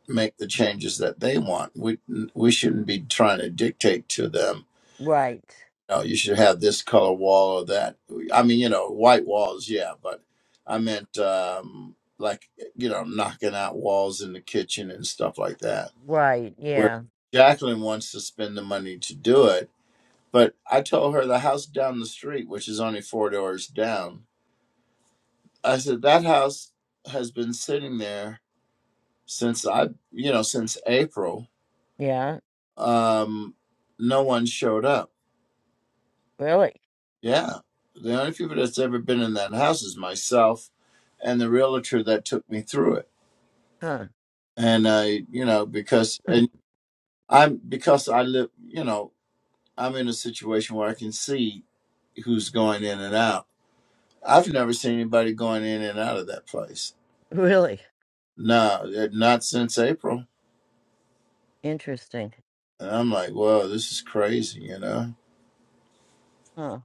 Speaker 2: make the changes that they want. We we shouldn't be trying to dictate to them.
Speaker 1: Right.
Speaker 2: No, you should have this color wall or that. I mean, you know, white walls, yeah, but I meant um, like you know, knocking out walls in the kitchen and stuff like that.
Speaker 1: Right.
Speaker 2: Where
Speaker 1: Yeah.
Speaker 2: Jacqueline wants to spend the money to do it, but I told her the house down the street, which is only four doors down. I said that house has been sitting there since I, you know, since April
Speaker 1: Yeah.
Speaker 2: um, no one showed up.
Speaker 1: Really?
Speaker 2: Yeah. The only people that's ever been in that house is myself and the realtor that took me through it.
Speaker 1: Huh.
Speaker 2: And I, you know, because and I'm because I live, you know, I'm in a situation where I can see who's going in and out. I've never seen anybody going in and out of that place.
Speaker 1: Really
Speaker 2: No, eh, not since April.
Speaker 1: interesting.
Speaker 2: And I'm like, whoa, this is crazy, you know.
Speaker 1: Huh.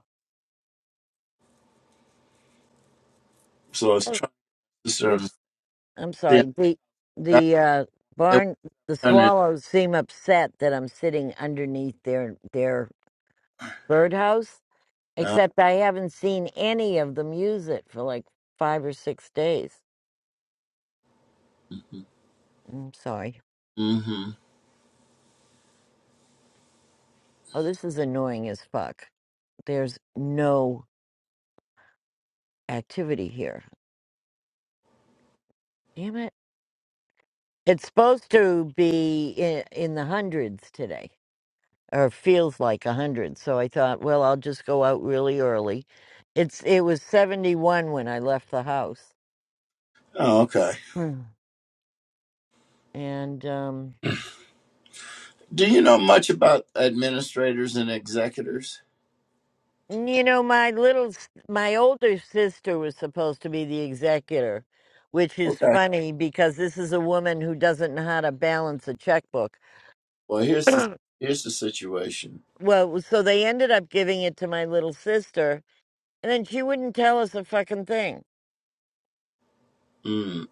Speaker 2: So I was
Speaker 1: Oh,
Speaker 2: trying to discern.
Speaker 1: it's I'm
Speaker 2: see,
Speaker 1: sorry. The
Speaker 2: that-
Speaker 1: the uh,
Speaker 2: they want
Speaker 1: barn the
Speaker 2: to turn it.
Speaker 1: swallows seem upset that I'm sitting underneath their their birdhouse.
Speaker 2: Uh,
Speaker 1: Except I haven't seen any of them use it for like five or six days. I'm sorry.
Speaker 2: mhm.
Speaker 1: Oh, this is annoying as fuck. There's no activity here. Damn it. It's supposed to be in, in the hundreds today. or feels like a 100. So I thought, well, I'll just go out really early. It's it was 71 when I left the house.
Speaker 2: Oh, okay.
Speaker 1: Mm. And um
Speaker 2: Do you know much about administrators and executors?
Speaker 1: you know, my little s- my older sister was supposed to be the executor, which is
Speaker 2: Okay.
Speaker 1: funny because this is a woman who doesn't know how to balance a checkbook.
Speaker 2: Well, here's the here's the situation.
Speaker 1: well, so they ended up giving it to my little sister, and then she wouldn't tell us a fucking thing.
Speaker 2: Mm.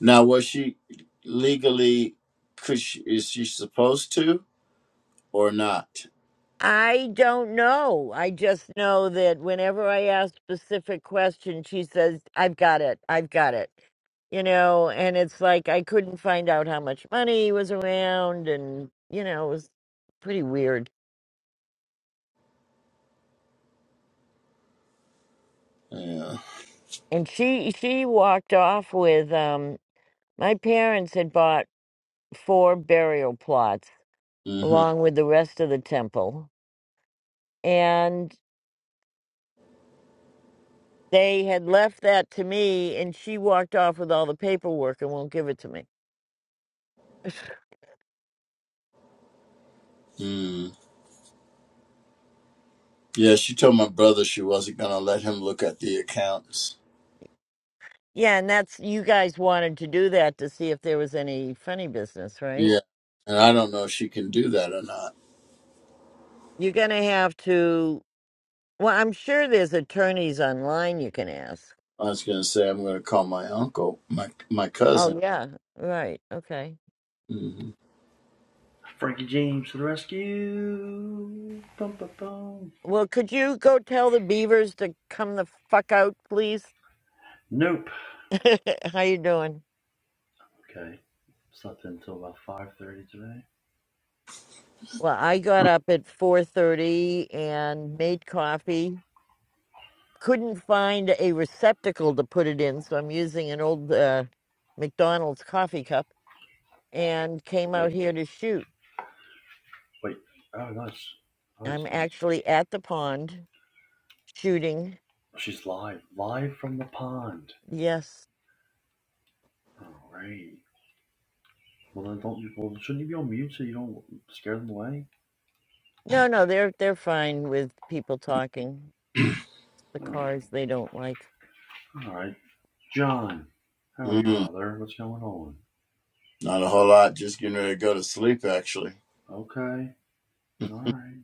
Speaker 2: Now, was she legally? Could she, is she supposed to or not?
Speaker 1: I don't know. I just know that whenever I ask specific questions, she says, I've got it. I've got it. You know, and it's like I couldn't find out how much money was around and you know, it was pretty weird.
Speaker 2: Yeah.
Speaker 1: And she she walked off with um my parents had bought four burial plots
Speaker 2: Mm-hmm.
Speaker 1: along with the rest of the temple. And they had left that to me and she walked off with all the paperwork and won't give it to me.
Speaker 2: hmm Mm. Yeah. She told my brother she wasn't gonna let him look at the accounts.
Speaker 1: Yeah, and that's you guys wanted to do that to see if there was any funny business, right?
Speaker 2: Yeah. And I don't know if she can do that or not.
Speaker 1: You're gonna have to. Well, I'm sure there's attorneys online you can ask.
Speaker 2: I was gonna say I'm gonna call my uncle, my my cousin.
Speaker 1: Oh yeah, right. Okay.
Speaker 2: hmm
Speaker 3: Frankie James to the rescue. Bum, bum, bum.
Speaker 1: Well, could you go tell the beavers to come the fuck out, please?
Speaker 3: Nope.
Speaker 1: How you doing?
Speaker 3: Okay. Slept until about five thirty today.
Speaker 1: Well, I got up at 4:30 and made coffee. Couldn't find a receptacle to put it in, so I'm using an old uh, McDonald's coffee cup and came out
Speaker 3: Like,
Speaker 1: here to shoot.
Speaker 3: wait. Oh, nice, nice,
Speaker 1: I'm
Speaker 3: nice.
Speaker 1: actually at the pond shooting.
Speaker 3: Oh, She's live, live from the pond.
Speaker 1: Yes.
Speaker 3: All right. Well then, don't you? Well, shouldn't you be on mute so you don't scare them away?
Speaker 1: No, no, they're they're fine with people talking. It's the
Speaker 3: Oh,
Speaker 1: cars they don't like.
Speaker 3: All right, John. How are you,
Speaker 2: Mm.
Speaker 3: brother? What's going on?
Speaker 2: Not a whole lot. Just getting ready to go to sleep, actually.
Speaker 3: Okay. All right.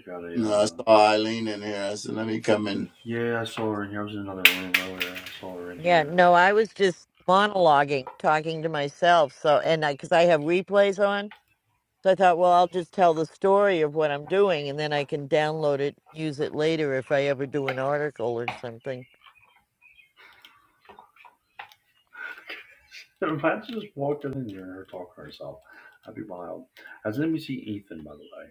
Speaker 3: I got a.
Speaker 2: No, I
Speaker 3: uh
Speaker 2: saw Eileen in here. I said, let me come in.
Speaker 3: Yeah, I saw her in here. I was in another room earlier. I saw her in
Speaker 1: Yeah,
Speaker 3: here.
Speaker 1: no, I was just monologuing, talking to myself. So, and I cuz I have replays on, so I thought, well, I'll just tell the story of what I'm doing and then I can download it, use it later if I ever do an article or something.
Speaker 3: So If I just walked in and heard her talk to herself, i would be wild. As That's see Ethan, by the way.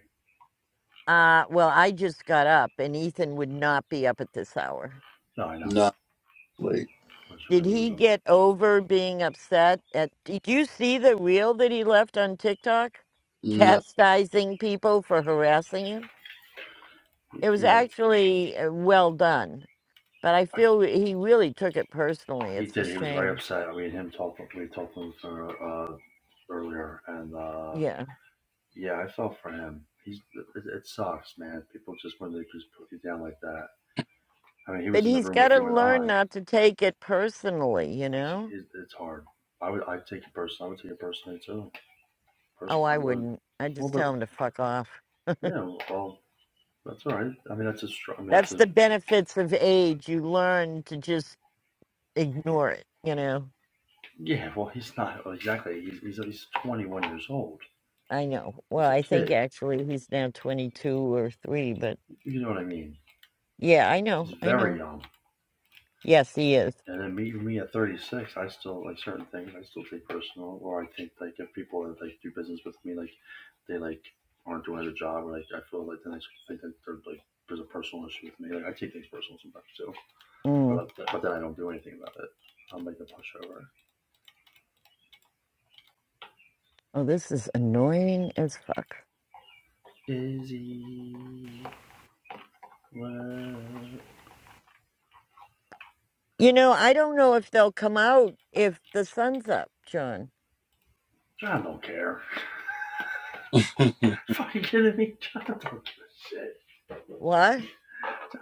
Speaker 1: Uh, well, I just got up and Ethan would not be up at this hour.
Speaker 3: No, I know.
Speaker 2: No, wait.
Speaker 3: It Was it
Speaker 1: Did
Speaker 3: was
Speaker 1: he
Speaker 3: on.
Speaker 1: get over being upset at Did you see the reel that he left on TikTok
Speaker 2: No.
Speaker 1: chastising people for harassing him? It was
Speaker 3: You know,
Speaker 1: actually uh, well done, but I feel he really took it personally.
Speaker 3: he
Speaker 1: It's a
Speaker 3: did. He was very
Speaker 1: shame.
Speaker 3: upset. I mean, him talking. We talked with her uh, earlier, and uh,
Speaker 1: Yeah.
Speaker 3: yeah, I felt for him. He's it, it sucks, man. People just when they just put you down like that. I mean, he
Speaker 1: But
Speaker 3: was in the
Speaker 1: he's
Speaker 3: room
Speaker 1: got
Speaker 3: with
Speaker 1: to
Speaker 3: you and
Speaker 1: learn
Speaker 3: I.
Speaker 1: not to take it personally, you
Speaker 3: It's,
Speaker 1: know?
Speaker 3: it, it's hard. I would. I take it personally. I would take it personally too. Person,
Speaker 1: Oh,
Speaker 3: I
Speaker 1: I
Speaker 3: would.
Speaker 1: wouldn't. I'd
Speaker 3: Well,
Speaker 1: just
Speaker 3: but
Speaker 1: tell him to fuck off.
Speaker 3: man, Well, that's all right. I mean, that's a strong. I mean, that's a
Speaker 1: That's the benefits of age. You learn to just ignore it, you know?
Speaker 3: Yeah, well, he's not well, exactly. He's, he's he's 21 years old.
Speaker 1: I know.
Speaker 3: He's
Speaker 1: Well,
Speaker 3: a
Speaker 1: I think
Speaker 3: kid.
Speaker 1: actually he's now 22 or 3, but
Speaker 3: You know what I mean?
Speaker 1: yeah, I
Speaker 3: He's
Speaker 1: know. I
Speaker 3: very
Speaker 1: know.
Speaker 3: young.
Speaker 1: Yes, he is.
Speaker 3: And then me, me at 36, I still like certain things. I still take personal, or I think like if people that like do business with me, like they like aren't doing their job, or like I feel like then I think that they're like there's a personal issue with me. Like I take things personal sometimes too,
Speaker 1: Mm.
Speaker 3: but but then I don't do anything about it. I'm like the pushover.
Speaker 1: Oh, this is annoying as fuck.
Speaker 3: Izzy, well,
Speaker 1: You know, I don't know if they'll come out if the sun's up, John.
Speaker 3: I don't care. Fucking kidding me, John? I Don't give a shit.
Speaker 1: What?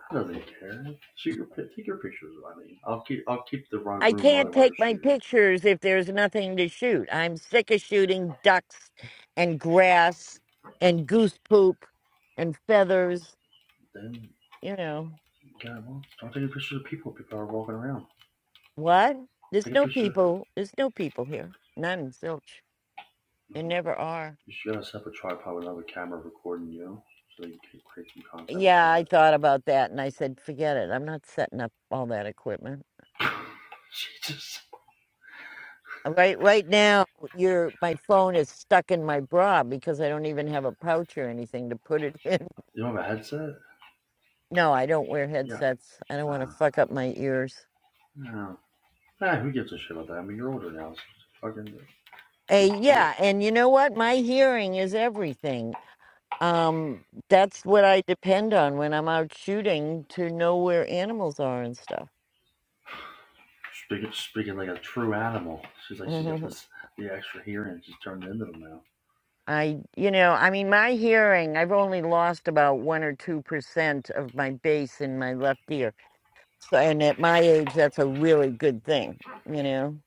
Speaker 3: I don't really care. Shoot your take your pictures. I mean, I'll keep I'll keep the run-
Speaker 1: I
Speaker 3: room
Speaker 1: can't
Speaker 3: running while you're
Speaker 1: take my
Speaker 3: shooting.
Speaker 1: pictures if there's nothing to shoot. I'm sick of shooting ducks and grass and goose poop and feathers,
Speaker 3: Then
Speaker 1: you know.
Speaker 3: yeah, well, don't take pictures of people. People are walking around.
Speaker 1: What? There's
Speaker 3: Take a
Speaker 1: no
Speaker 3: picture.
Speaker 1: people. There's no people here. None, zilch.
Speaker 3: You
Speaker 1: There never are.
Speaker 3: should gotta set up a tripod with another camera recording you, so you can create some content
Speaker 1: Yeah,
Speaker 3: with
Speaker 1: I thought about that and I said, forget it. I'm not setting up all that equipment.
Speaker 3: that. Jesus.
Speaker 1: Right right now your my phone is stuck in my bra because I don't even have a pouch or anything to put it in.
Speaker 3: You don't have a headset?
Speaker 1: No, I don't wear
Speaker 3: Yeah.
Speaker 1: headsets. I don't want to
Speaker 3: Uh,
Speaker 1: fuck up my ears.
Speaker 3: no. Nah, who gives a shit about that? I mean, you're older now. So fucking.
Speaker 1: Hey,
Speaker 3: Dude,
Speaker 1: yeah, and you know what? My hearing is everything. Um that's what I depend on when I'm out shooting to know where animals are and stuff.
Speaker 3: Speaking, speaking like a true animal. She's like, she got this the extra hearing. She's turned into them now.
Speaker 1: I, you know, I mean, my hearing, I've only lost about one or two percent of my bass in my left ear. So, and at my age, that's a really good thing, you know?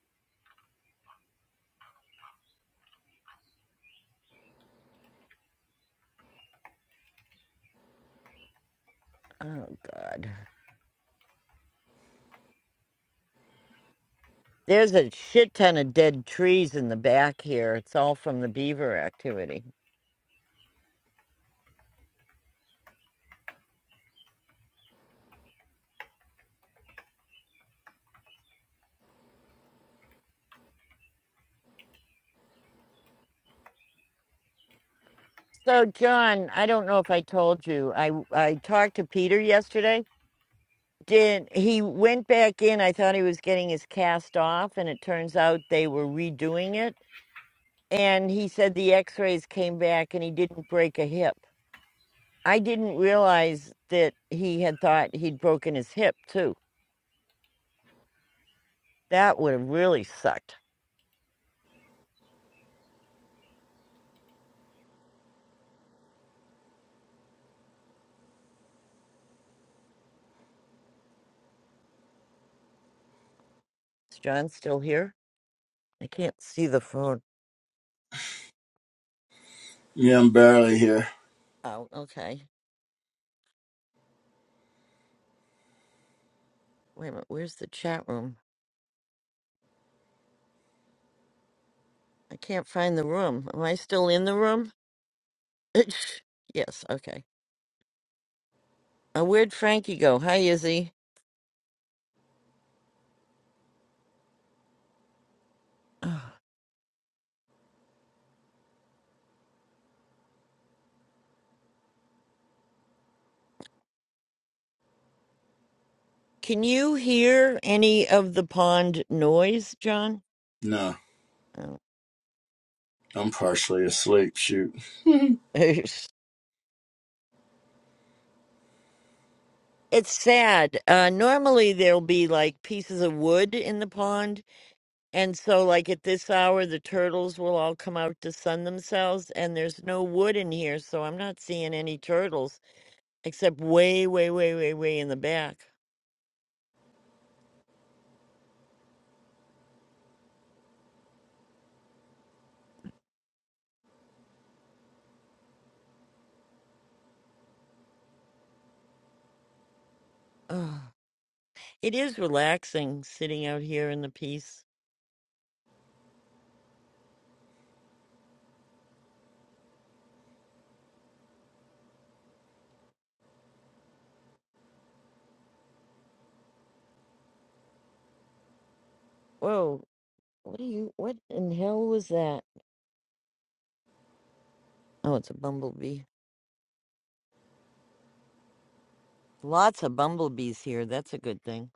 Speaker 1: Oh, God. There's a shit ton of dead trees in the back here. It's all from the beaver activity. So, John, I don't know if I told you, I, I talked to Peter yesterday. Did he went back in? I thought he was getting his cast off, and it turns out they were redoing it and he said the x-rays came back and he didn't break a hip i didn't realize that he had thought he'd broken his hip too that would have really sucked is john still here i can't see the phone
Speaker 2: yeah, I'm barely here.
Speaker 1: oh okay wait a minute where's the chat room i can't find the room am i still in the room yes okay uh, where'd frankie go hi izzy Ugh. can you hear any of the pond noise john
Speaker 2: No, I'm partially asleep. Shoot.
Speaker 1: Oh. It's sad. Uh, normally there'll be like pieces of wood in the pond, and so like at this hour the turtles will all come out to sun themselves, and there's no wood in here, so I'm not seeing any turtles except way, way, way, way, way in the back. Ugh. It is relaxing sitting out here in the peace. Whoa, what are you? What in hell was that? Oh, it's a bumblebee. Lots of bumblebees here. That's a good thing.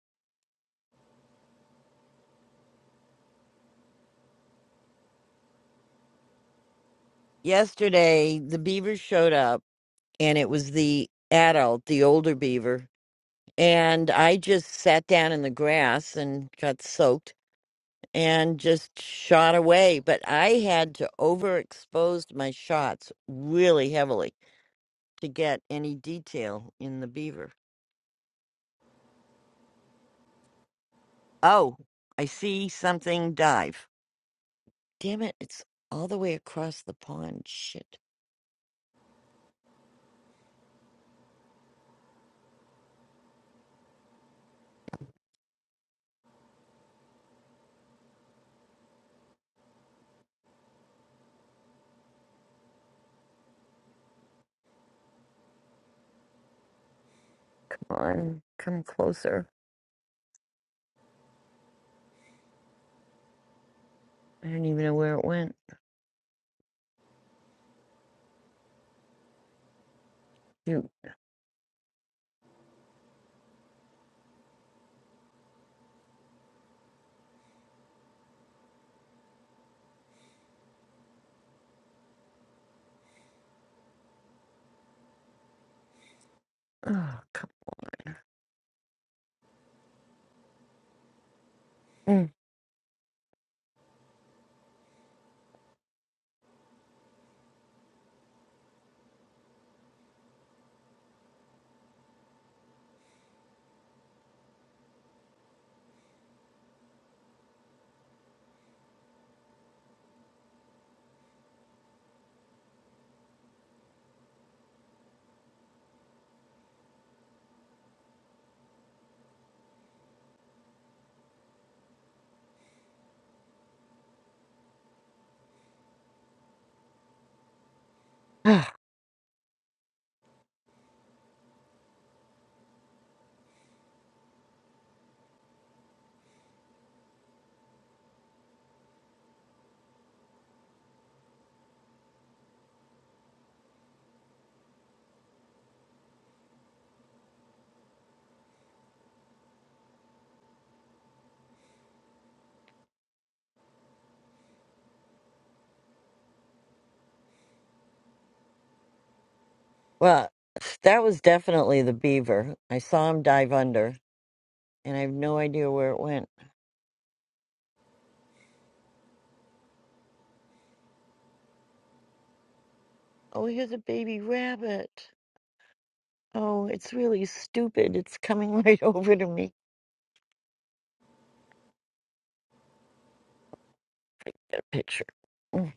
Speaker 1: Yesterday the beavers showed up and it was the adult, the older beaver. And I just sat down in the grass and got soaked and just shot away. But I had to overexpose my shots really heavily to get any detail in the beaver. Oh, I see something dive. Damn it, it's all the way across the pond. Shit. Come on, come closer. I don't even know where it went. Shoot. Oh, come. Mm. Well, that was definitely the beaver. I saw him dive under, and I have no idea where it went. Oh, here's a baby rabbit. Oh, it's really stupid. It's coming right over to me. Get a picture. Mm.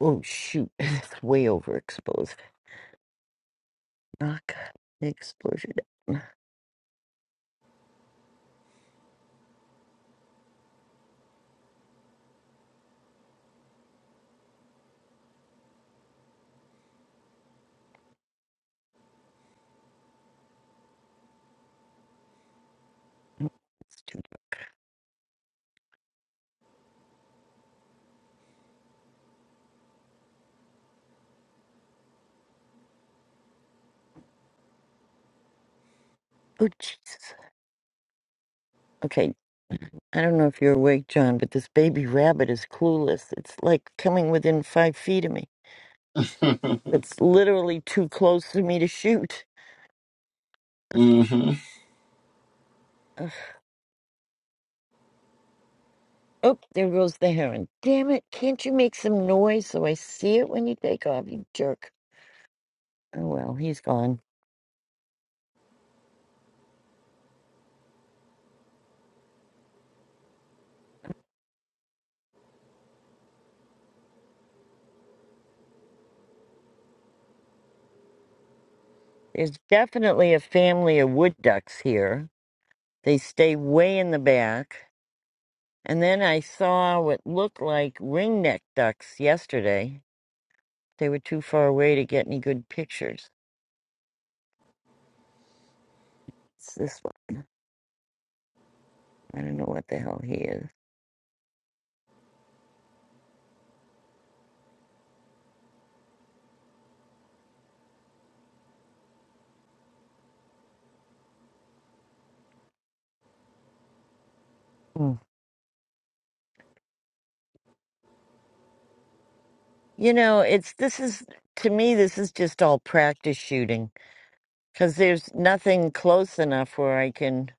Speaker 1: Oh shoot, it's way overexposed. Knock the exposure down. It's too dark. Oh Jesus. Okay, I don't know if you're awake, John, but this baby rabbit is clueless. It's like coming within five feet of me. It's literally too close for me to shoot.
Speaker 2: mm-hmm.
Speaker 1: Ugh. Oh, there goes the heron. Damn it, can't you make some noise so I see it when you take off, you jerk? Oh well, he's gone. There's definitely a family of wood ducks here. They stay way in the back. And then I saw what looked like ringneck ducks yesterday. They were too far away to get any good pictures. It's this way. I don't know what the hell he is. Mm. You know, it's this is to me this is just all practice shooting cuz there's nothing close enough where I can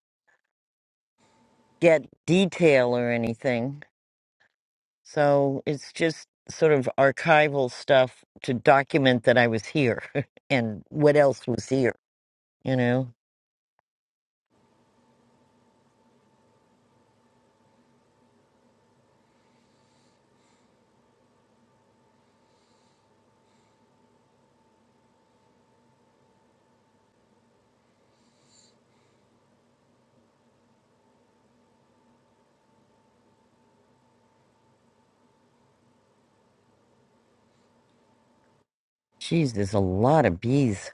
Speaker 1: get detail or anything. So it's just sort of archival stuff to document that I was here and what else was here, you know. Jeez, there's a lot of bees.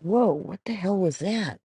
Speaker 1: Whoa, what the hell was that?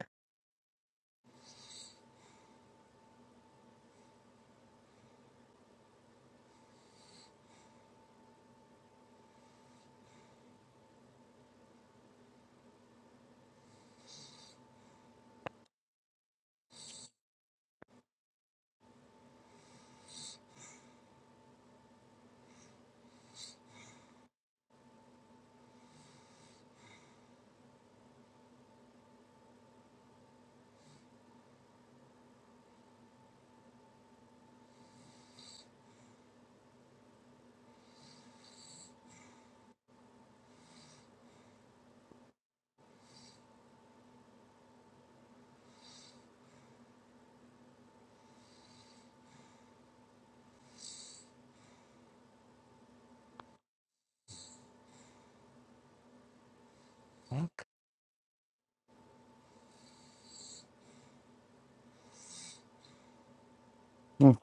Speaker 1: Fuck. Mm.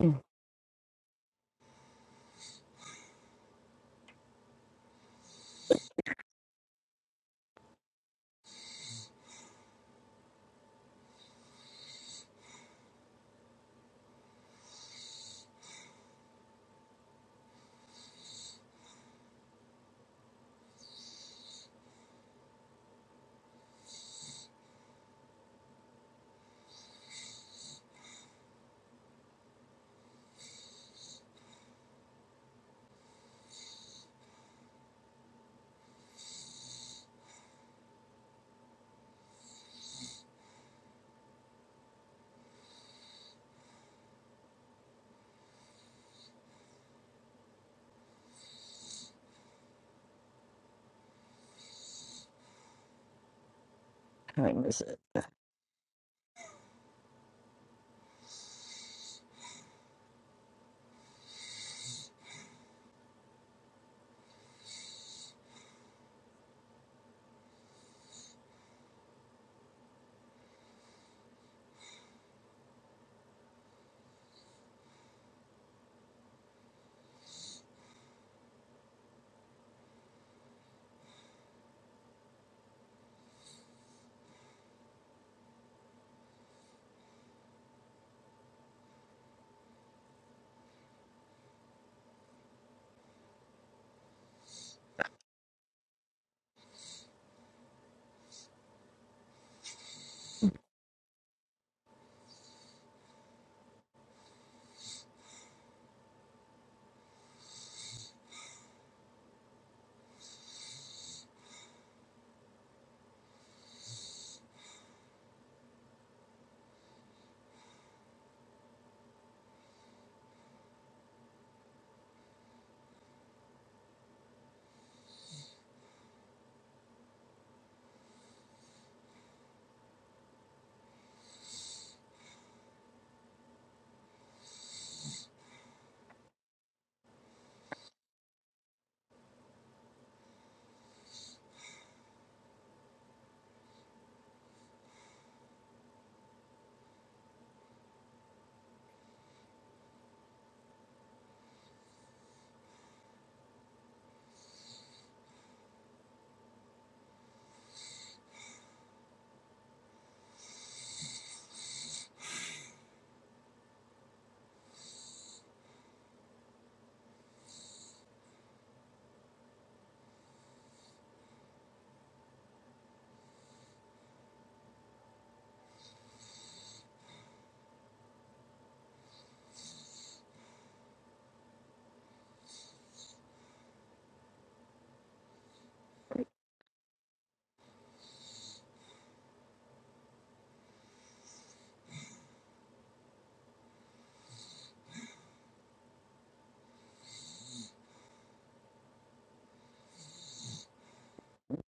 Speaker 1: What time is it?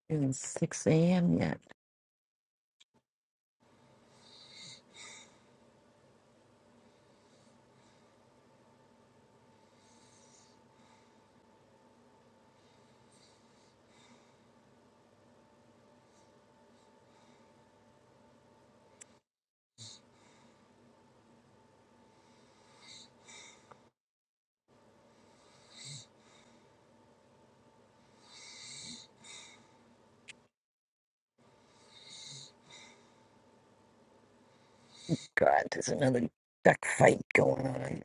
Speaker 1: It's 6 a.m. yet. God, there's another duck fight going on.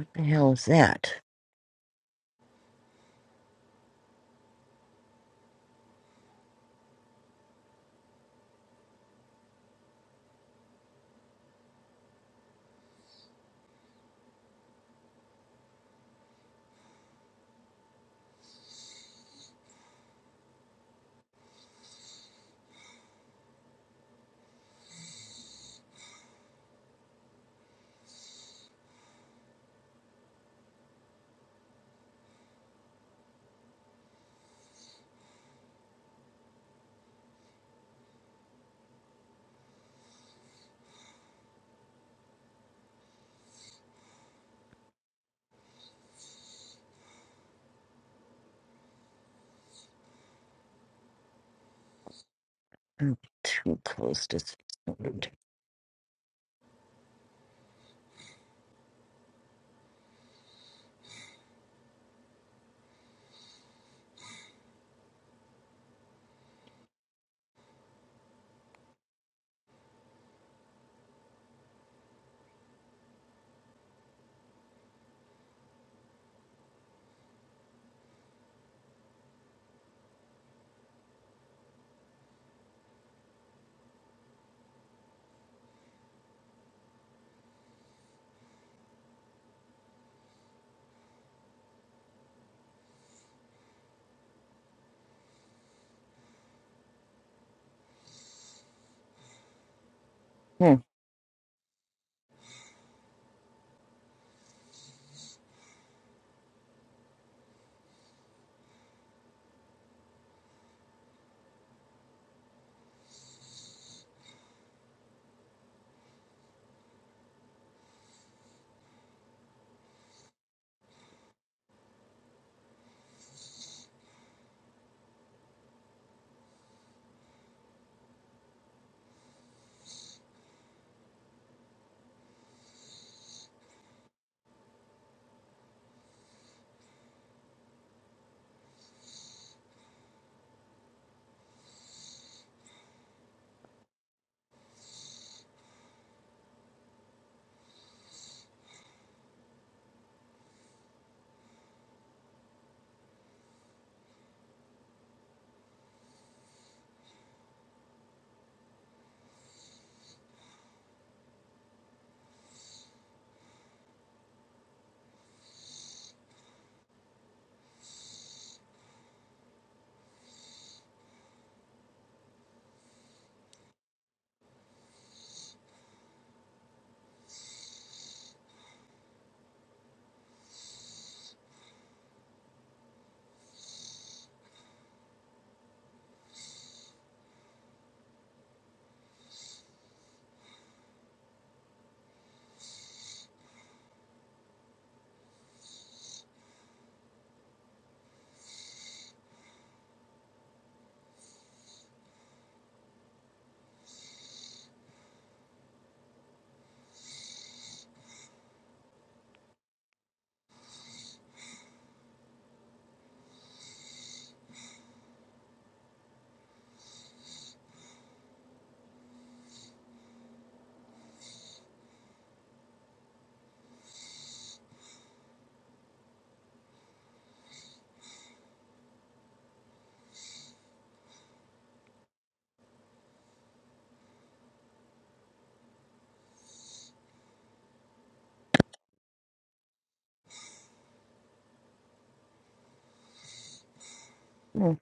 Speaker 1: What the hell is that? I'm too close to. sound. Hmm, hmm,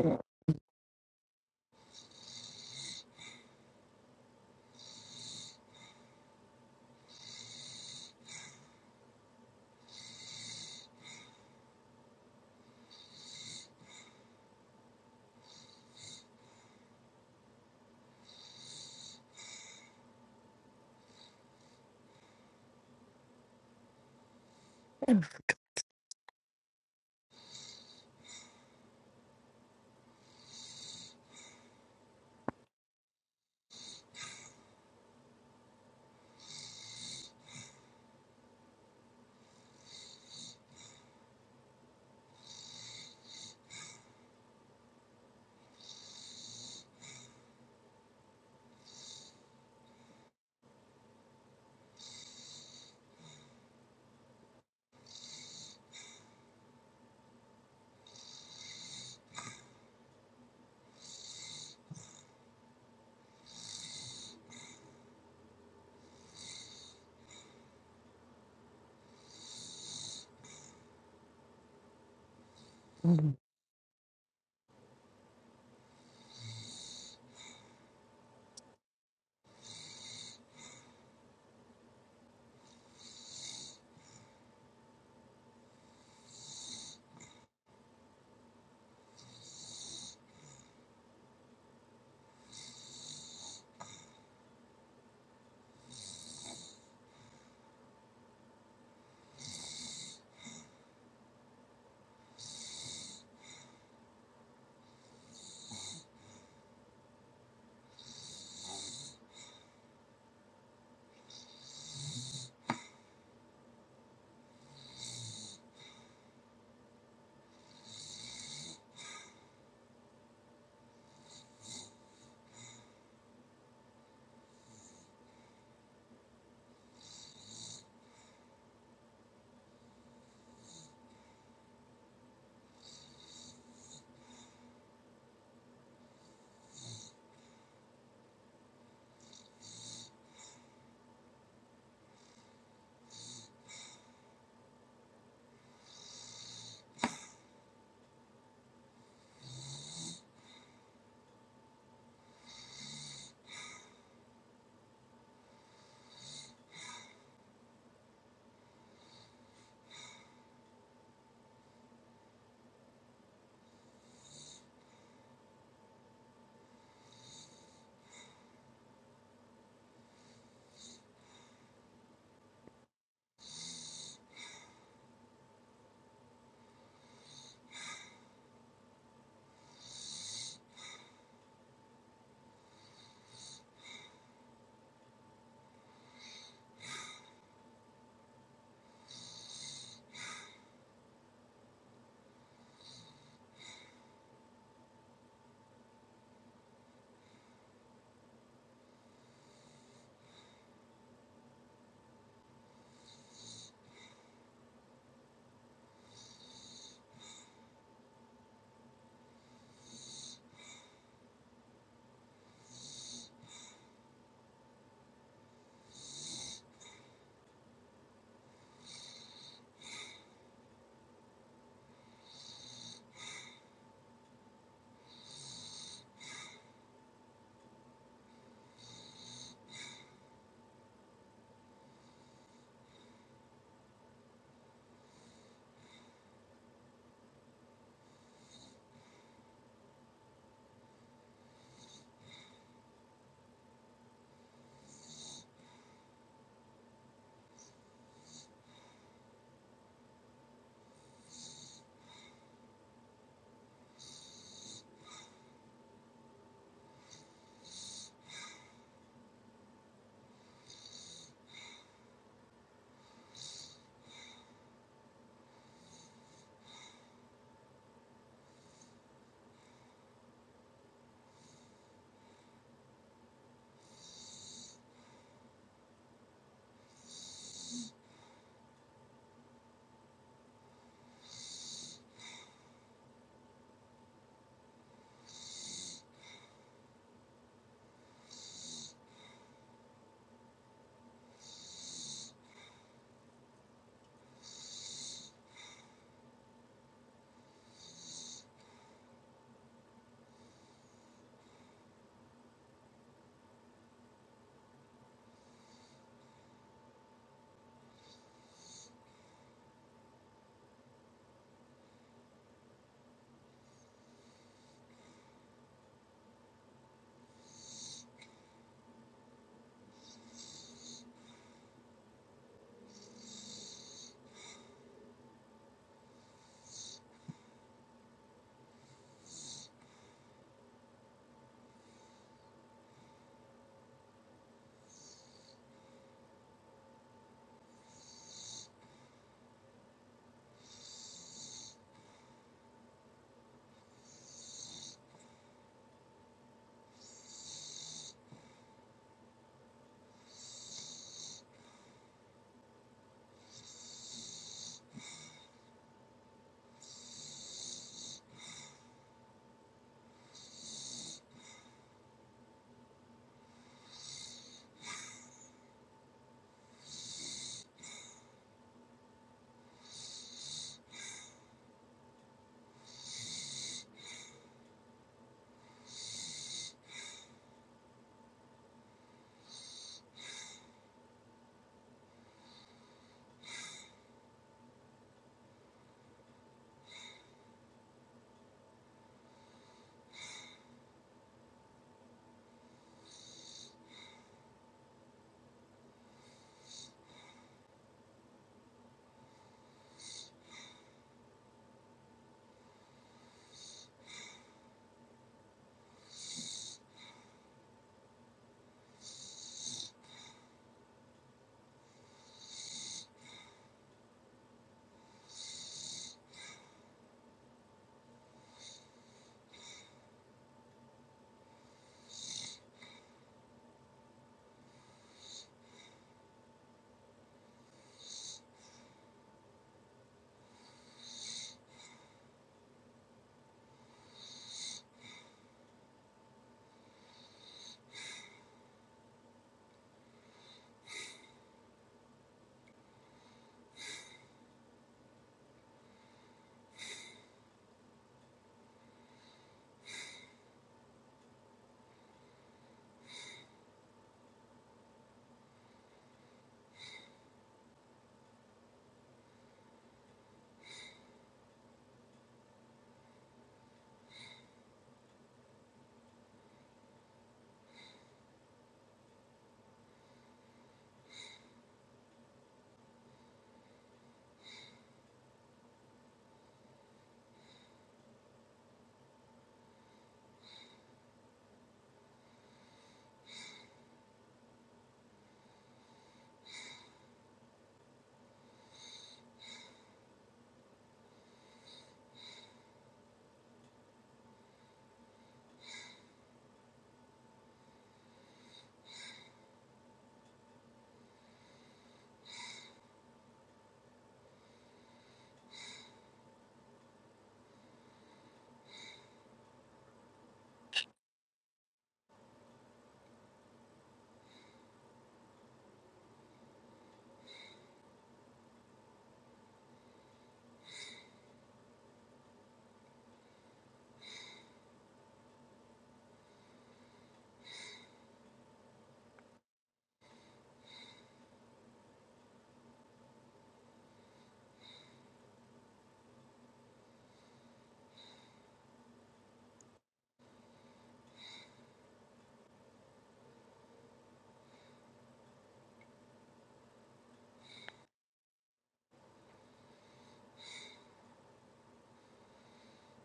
Speaker 1: hmm, hmm. hmm.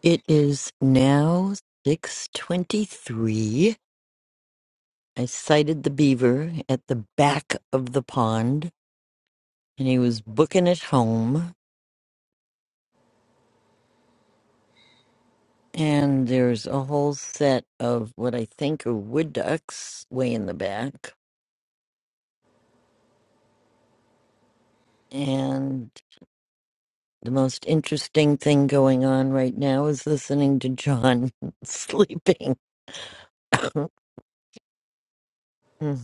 Speaker 1: It is now six twenty-three. I sighted the beaver at the back of the pond, and he was booking it home. And there's a whole set of what I think are wood ducks way in the back. and. The most interesting thing going on right now is listening to John sleeping. Good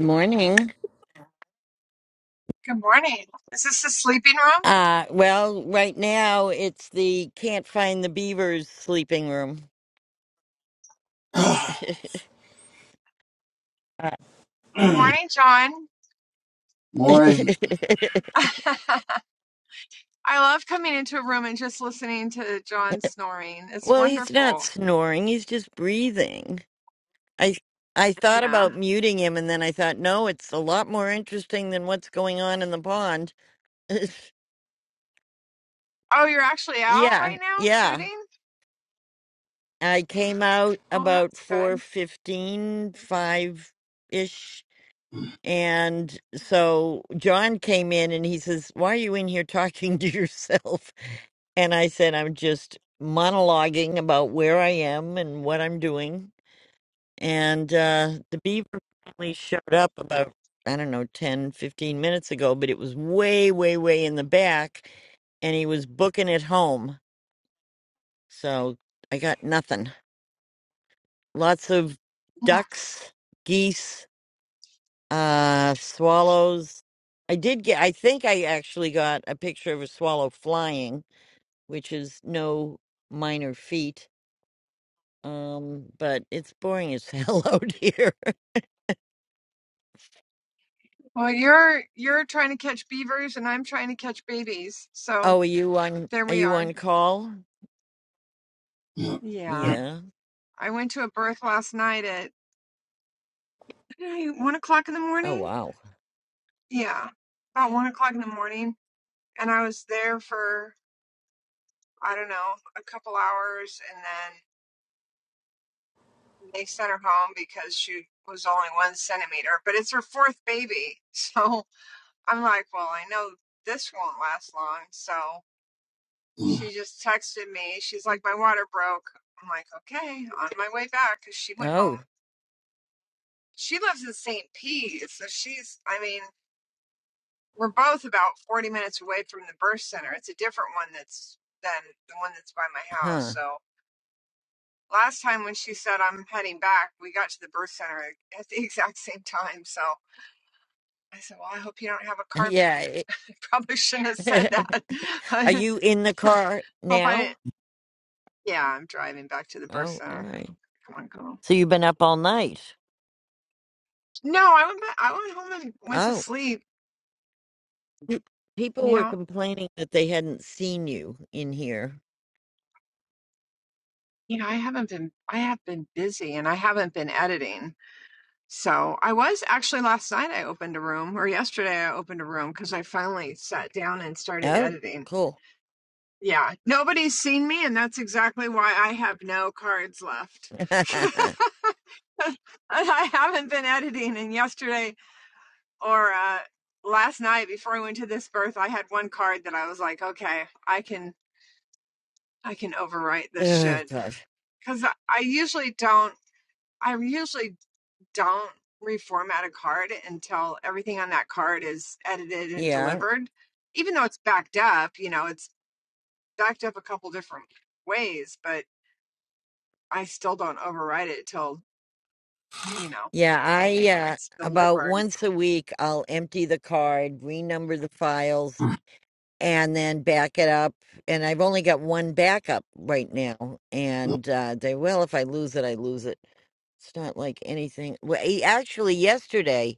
Speaker 1: morning.
Speaker 4: Good morning. Is this the sleeping room?
Speaker 1: Uh, well, right now it's the Can't Find the Beavers sleeping room. Uh,
Speaker 4: Good morning, John.
Speaker 2: Morning.
Speaker 4: I love coming into a room and just listening to John snoring. It's
Speaker 1: well, he's not
Speaker 4: wonderful.
Speaker 1: snoring, he's just breathing. I I thought
Speaker 4: Yeah.
Speaker 1: about muting him and then I thought, no, it's a lot more interesting than what's going on in the pond.
Speaker 4: Oh, you're actually out
Speaker 1: yeah,
Speaker 4: right now
Speaker 1: yeah.
Speaker 4: shooting?
Speaker 1: I came out
Speaker 4: Oh,
Speaker 1: about
Speaker 4: that's
Speaker 1: four
Speaker 4: good.
Speaker 1: fifteen, five ish And so John came in and he says, "Why are you in here talking to yourself?" And I said, "I'm just monologuing about where I am and what I'm doing." And uh the beaver finally showed up about I don't know 10, 15 minutes ago, but it was way way way in the back and he was booking it home. So I got nothing. lots of
Speaker 4: Yeah.
Speaker 1: ducks, geese, uh, swallows. I did get, I think I actually got a picture of a swallow flying, which is no minor feat. Um, but it's boring as hell out here.
Speaker 4: Well, you're you're trying to catch beavers and I'm trying to catch babies. So
Speaker 1: Oh, are you on,
Speaker 4: there
Speaker 1: are
Speaker 4: we
Speaker 1: you
Speaker 4: are.
Speaker 1: on call?
Speaker 4: Yeah.
Speaker 1: Yeah.
Speaker 4: I went to a birth last night at eh, one o'clock in the
Speaker 1: Oh,
Speaker 4: morning.
Speaker 1: wow.
Speaker 4: Yeah. About one o'clock in the morning. And I was there for I don't know, a couple hours, and then they sent her home because she was only one centimeter. But it's her fourth baby, so I'm like, well, I know this won't last long. So she just texted me. She's like, my water broke. I'm like, okay, on my way back because she went home.
Speaker 1: Oh,
Speaker 4: She lives in St. Pete, so she's. I mean, we're both about 40 minutes away from the birth center. It's a different one that's than the one that's by my house,
Speaker 1: huh.
Speaker 4: so. last time when she said I'm heading back, we got to the birth center at the exact same time. So I said, "Well, I hope you don't have a car,
Speaker 1: Yeah.
Speaker 4: baby."
Speaker 1: it-
Speaker 4: I probably shouldn't have said that.
Speaker 1: are
Speaker 4: I
Speaker 1: you in the car
Speaker 4: hope I
Speaker 1: now?
Speaker 4: didn't. Yeah, I'm driving back to the birth
Speaker 1: Oh, all
Speaker 4: center.
Speaker 1: right.
Speaker 4: Come on, girl.
Speaker 1: So you've been up all night.
Speaker 4: No, I went. Back, I went home and went to
Speaker 1: Oh.
Speaker 4: sleep.
Speaker 1: Mm, People were
Speaker 4: Yeah,
Speaker 1: complaining that they hadn't seen you in here.
Speaker 4: you know, I haven't been. I have been busy, and I haven't been editing. So I was actually last night. I opened a room, or yesterday I opened a room because I finally sat down and started
Speaker 1: Oh,
Speaker 4: editing
Speaker 1: cool.
Speaker 4: Yeah, nobody's seen me, and that's exactly why I have no cards left.
Speaker 1: oh,
Speaker 4: I haven't been editing, and yesterday or uh, last night before I went to this birth, I had one card that I was like, okay, I can I can overwrite this shit
Speaker 1: gosh.
Speaker 4: because I, I usually don't I usually don't reformat a card until everything on that card is edited and
Speaker 1: Yeah.
Speaker 4: delivered, even though it's backed up. You know, it's backed up a couple different ways, but I still don't override it till, you know,
Speaker 1: Yeah. I, uh,
Speaker 4: it's
Speaker 1: about
Speaker 4: delivered. You
Speaker 1: once a week, I'll empty the card, renumber the files, and then back it up. And I've only got one backup right now. And uh, they, well, if I lose it, I lose it. It's not like anything. Well, eh, actually, yesterday,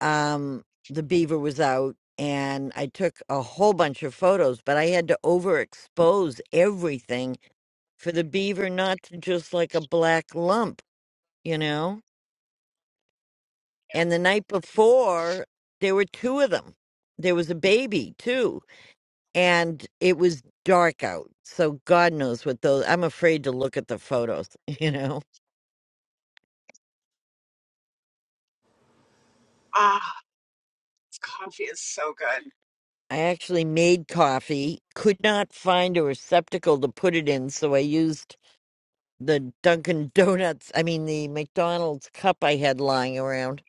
Speaker 1: um, the beaver was out and I took a whole bunch of photos, but I had to overexpose everything for the beaver not to just like a black lump, you know?
Speaker 4: know.
Speaker 1: And the night before, there were two of them. There was a baby too, and it was dark out. So God knows what those, I'm afraid to look at the photos, you know?
Speaker 4: Ah, this coffee is so good.
Speaker 1: I actually made coffee, could not find a receptacle to put it in, so I used the Dunkin' Donuts, I mean, the McDonald's cup I had lying around.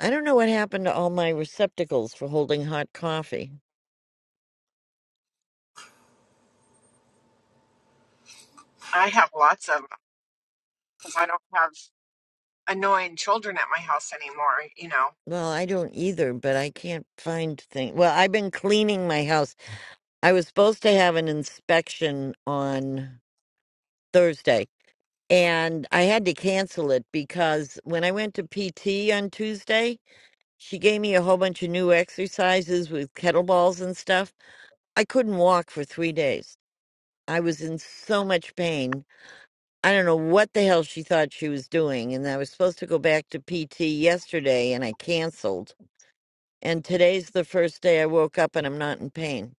Speaker 1: I don't know what happened to all my receptacles for holding hot coffee.
Speaker 4: I have lots of because I don't have annoying children at my house anymore, you know.
Speaker 1: Well, I don't either, but I can't find things. Well, I've been cleaning my house. I was supposed to have an inspection on Thursday, and I had to cancel it because when I went to PT on Tuesday, she gave me a whole bunch of new exercises with kettlebells and stuff. I couldn't walk for three days. I was in so much pain I don't know what the hell she thought she was doing. And I was supposed to go back to PT yesterday and I canceled. And today's the first day I woke up and I'm not in pain.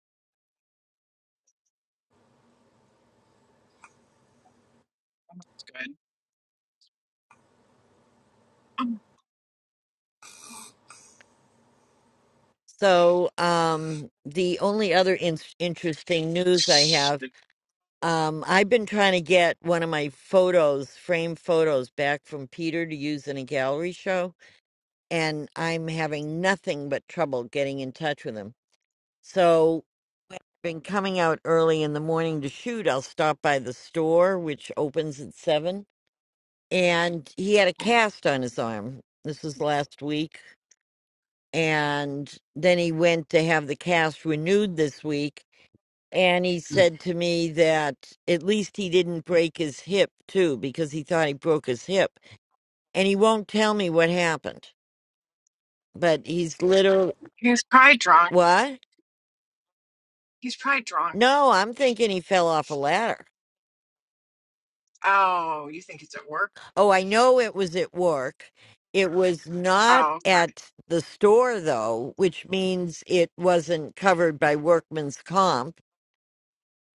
Speaker 1: So, um, the only other in- interesting news I have, um, I've been trying to get one of my photos, frame photos, back from Peter to use in a gallery show. And I'm having nothing but trouble getting in touch with him. So been coming out early in the morning to shoot, I'll stop by the store, which opens at seven. And he had a cast on his arm. This was last week. And then he went to have the cast renewed this week. And he said to me that at least he didn't break his hip, too, because he thought he broke his hip. And he won't tell me what happened. But he's literal
Speaker 4: He's probably drunk.
Speaker 1: what?
Speaker 4: He's probably drunk.
Speaker 1: No, I'm thinking he fell off a ladder.
Speaker 4: Oh, you think it's at work?
Speaker 1: Oh, I know it was at work. It was not
Speaker 4: Oh, okay.
Speaker 1: at the store, though, which means it wasn't covered by workman's comp.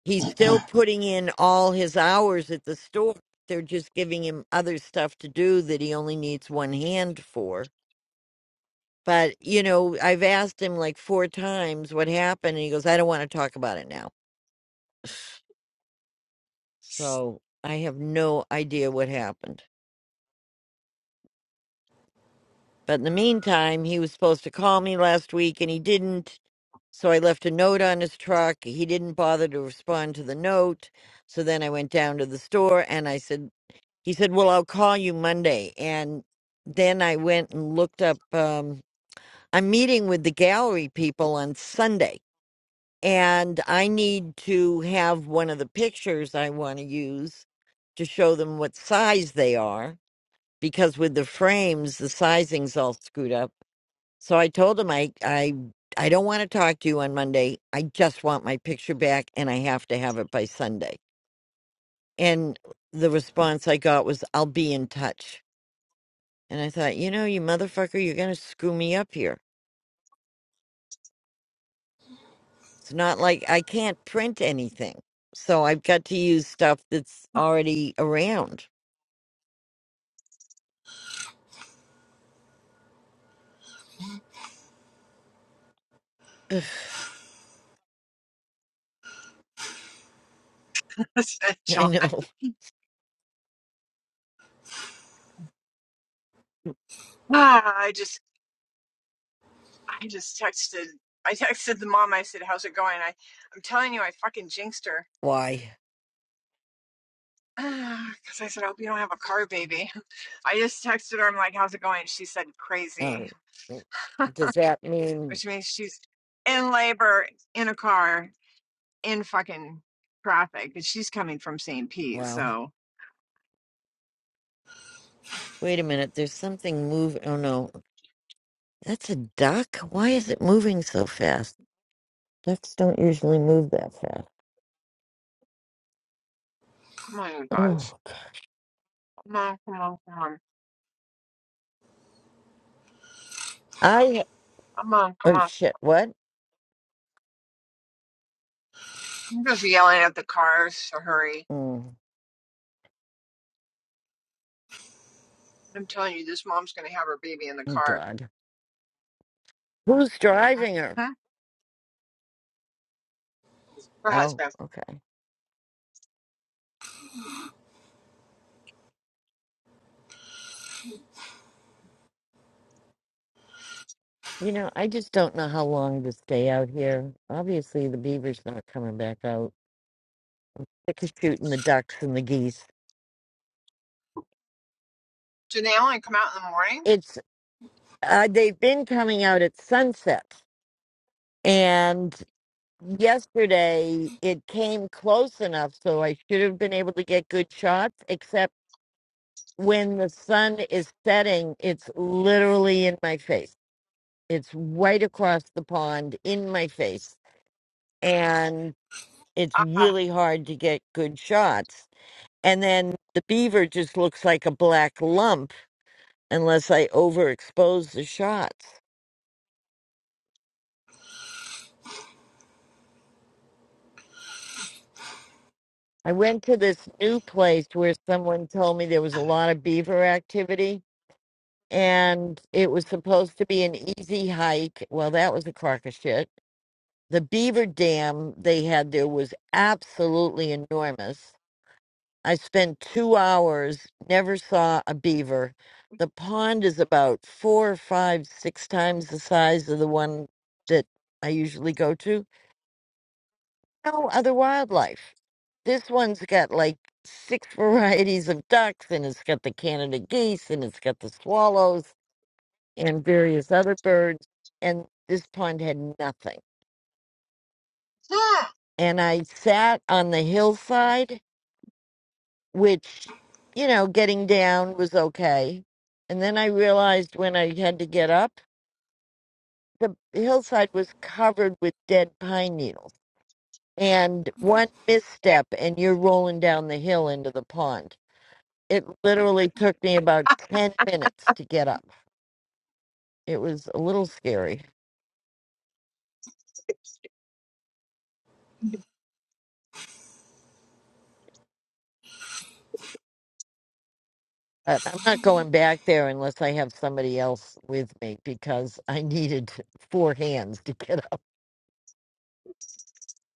Speaker 1: He's still putting in all his hours at the store. They're just giving him other stuff to do that he only needs one hand for. But, you know, I've asked him like four times what happened, and he goes, I don't want to talk about it now. So I have no idea what happened. But in the meantime, he was supposed to call me last week and he didn't So I left a note on his truck. He didn't bother to respond to the note. So then I went down to the store and I said, he said, well, I'll call you Monday. And then I went and looked up, um, I'm meeting with the gallery people on Sunday and I need to have one of the pictures I want to use to show them what size they are because with the frames, the sizing's all screwed up. So I told him I I I don't want to talk to you on Monday. I just want my picture back and I have to have it by Sunday. And the response I got was I'll be in touch. And I thought, you know, you motherfucker, you're going to screw me up here. It's not like I can't print anything. So I've got to use stuff that's already around. Ugh,
Speaker 4: I Said
Speaker 1: I
Speaker 4: John.
Speaker 1: know
Speaker 4: Ah, I just I just texted I texted the mom, I said, How's it going? I, I'm telling you, I fucking jinxed her.
Speaker 1: why.
Speaker 4: Because I said, I hope you don't have a car, baby. I just texted her. I'm like, how's it going? She said, crazy.
Speaker 1: Um, does that mean
Speaker 4: which means she's in labor in a car in fucking traffic, but she's coming from St. Pete.
Speaker 1: well,
Speaker 4: So
Speaker 1: wait a minute, there's something moving. Oh no. That's a duck? Why is it moving so fast? Ducks don't usually move that fast.
Speaker 4: come on, you guys,
Speaker 1: Oh,
Speaker 4: come on, come on, come on,
Speaker 1: I.
Speaker 4: come on,
Speaker 1: Oh,
Speaker 4: come on.
Speaker 1: shit. What?
Speaker 4: I'm just yelling at the cars to hurry.
Speaker 1: Mm,
Speaker 4: I'm telling you, this mom's gonna have her baby in the
Speaker 1: Oh,
Speaker 4: car.
Speaker 1: God. Who's driving her?
Speaker 4: Mhm. Her
Speaker 1: Oh,
Speaker 4: husband.
Speaker 1: okay. You know, I just don't know how long to stay out here. Obviously, the beaver's not coming back out. They're shooting the ducks and the geese.
Speaker 4: Do they only come out in the morning?
Speaker 1: It's. Uh, they've been coming out at sunset. And yesterday, it came close enough so I should have been able to get good shots, except. when the sun is setting, it's literally in my face. It's right across the pond in my face. And it's
Speaker 4: Uh,
Speaker 1: really hard to get good shots. And then the beaver just looks like a black lump unless I overexpose the shots. I went to this new place where someone told me there was a lot of beaver activity and it was supposed to be an easy hike. Well, that was a crock of shit The beaver dam they had there was absolutely enormous. I spent two hours, never saw a beaver. The pond is about four, five, six times the size of the one that I usually go to. No other wildlife. This one's got like six varieties of ducks, and it's got the Canada geese, and it's got the swallows, and various other birds. And this pond had nothing.
Speaker 4: hmm.
Speaker 1: And I sat on the hillside which, you know, getting down was okay. And then I realized when I had to get up, the hillside was covered with dead pine needles. And one misstep, and you're rolling down the hill into the pond. It literally took me about 10 minutes to get up. It was a little scary. But I'm not going back there unless I have somebody else with me because I needed four hands to get up.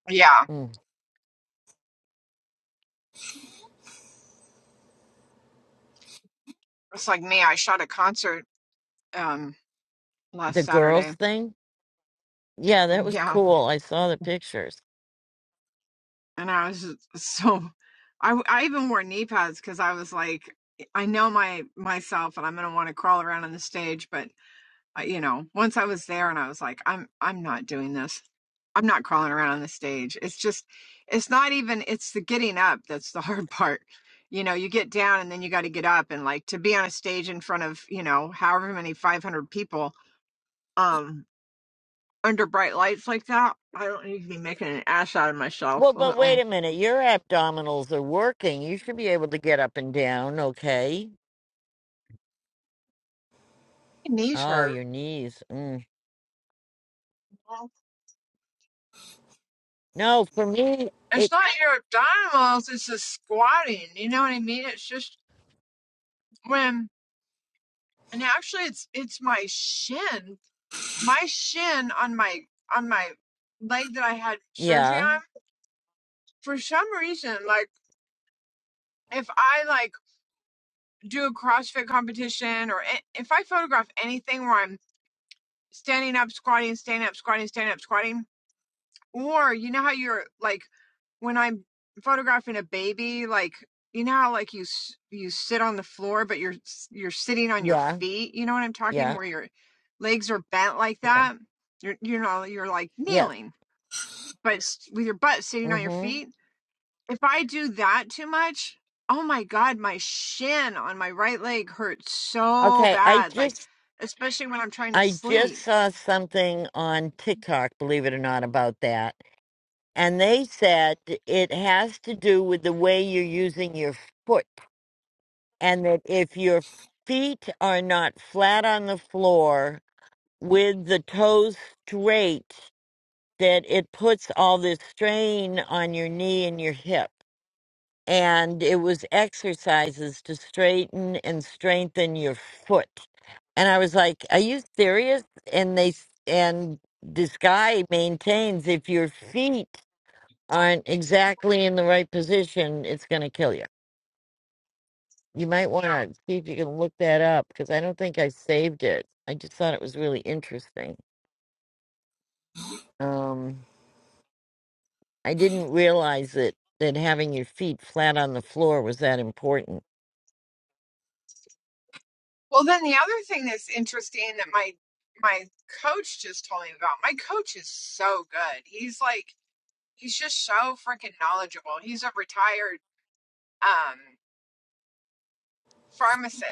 Speaker 4: yeah,
Speaker 1: Mm.
Speaker 4: it's like me. I shot a concert um last
Speaker 1: The girls
Speaker 4: Saturday.
Speaker 1: thing? Yeah, that was
Speaker 4: Yeah,
Speaker 1: cool. I saw the pictures.
Speaker 4: and I was just so I I even wore knee pads because I was like I know my myself and I'm gonna want to crawl around on the stage, but uh, you know once I was there and I was like I'm I'm not doing this. I'm not crawling around on the stage. It's just it's not even it's the getting up that's the hard part. You know, you get down and then you got to get up and like to be on a stage in front of, you know, however many 500 people um under bright lights like that. I don't need to be making an ass out of myself.
Speaker 1: Well,
Speaker 4: Oh,
Speaker 1: but wait
Speaker 4: my
Speaker 1: a minute. Your abdominals are working. You should be able to get up and down, okay?
Speaker 4: knees
Speaker 1: Oh,
Speaker 4: hurt.
Speaker 1: your knees. Mm. No, for me,
Speaker 4: it's
Speaker 1: it.
Speaker 4: not your abdominals, it's the squatting. You know what I mean? It's just when and actually it's it's my shin. My shin on my on my leg that I had surgery
Speaker 1: Yeah,
Speaker 4: on, for some reason, like if I like do a CrossFit competition or a- if I photograph anything where I'm standing up, squatting, standing up, squatting, standing up, squatting, Or you know how you're like when I'm photographing a baby, like you know how like you s- you sit on the floor, but you're s- you're sitting on your
Speaker 1: yeah,
Speaker 4: feet. You know what I'm talking?
Speaker 1: yeah,
Speaker 4: Where your legs are bent like
Speaker 1: yeah.
Speaker 4: that. You're you know you're like
Speaker 1: Yes.
Speaker 4: kneeling, but s- with your butt sitting on your
Speaker 1: Mm-hmm.
Speaker 4: feet. If I do that too much, oh my god, my shin on my right leg hurts so
Speaker 1: Okay. I
Speaker 4: bad. Like
Speaker 1: just,
Speaker 4: especially when I'm trying to
Speaker 1: I just
Speaker 4: sleep.
Speaker 1: saw something on
Speaker 4: Mm.
Speaker 1: TikTok. Believe it or not, about that, and they said it has to do with the way you're using your foot, and that if your feet are not flat on the floor with the toes straight that it puts all this strain on your knee and your hip. And it was exercises to straighten and strengthen your foot. And I was like, Are you serious? And they, s- and this guy maintains if your feet aren't exactly in the right position, it's going to kill you. You might want
Speaker 4: Yeah.
Speaker 1: to see if you can look that up because I don't think I saved it. I just thought it was really interesting. Um, I didn't realize that that having your feet flat on the floor was that important.
Speaker 4: Well, then the other thing that's interesting that my my coach just told me about. My coach is so good. He's like he's just so freaking knowledgeable. He's a retired um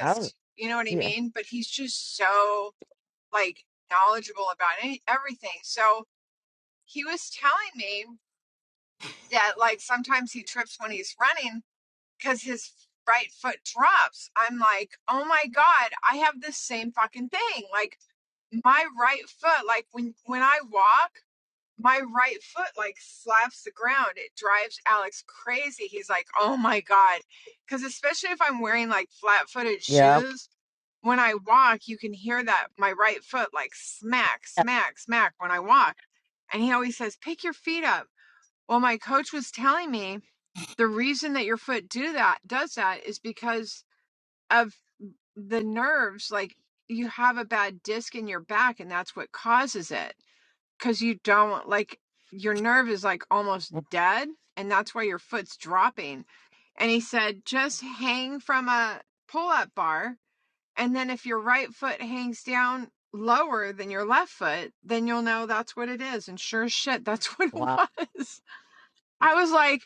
Speaker 1: Oh,
Speaker 4: You know what I
Speaker 1: yeah.
Speaker 4: mean? But he's just so like knowledgeable about any, everything. So he was telling me. that like sometimes he trips when he's running because his right foot drops. I'm like, oh my God, I have the same fucking thing. Like my right foot, like when when I walk, my right foot like slaps the ground. It drives Alex crazy. He's like, oh my God. Cause especially if I'm wearing like flat footed
Speaker 1: Yeah.
Speaker 4: shoes. When I walk, you can hear that my right foot like smack,
Speaker 1: Yeah.
Speaker 4: smack, smack when I walk. And he always says, pick your feet up. Well, my coach was telling me the reason that your foot do that does that is because of the nerves like you have a bad disc in your back and that's what causes it because you don't like your nerve is like almost dead and that's why your foot's dropping and he said just hang from a pull-up bar and then if your right foot hangs down lower than your left foot then you'll know that's what it is and sure as shit that's what it
Speaker 1: Wow.
Speaker 4: was I was like,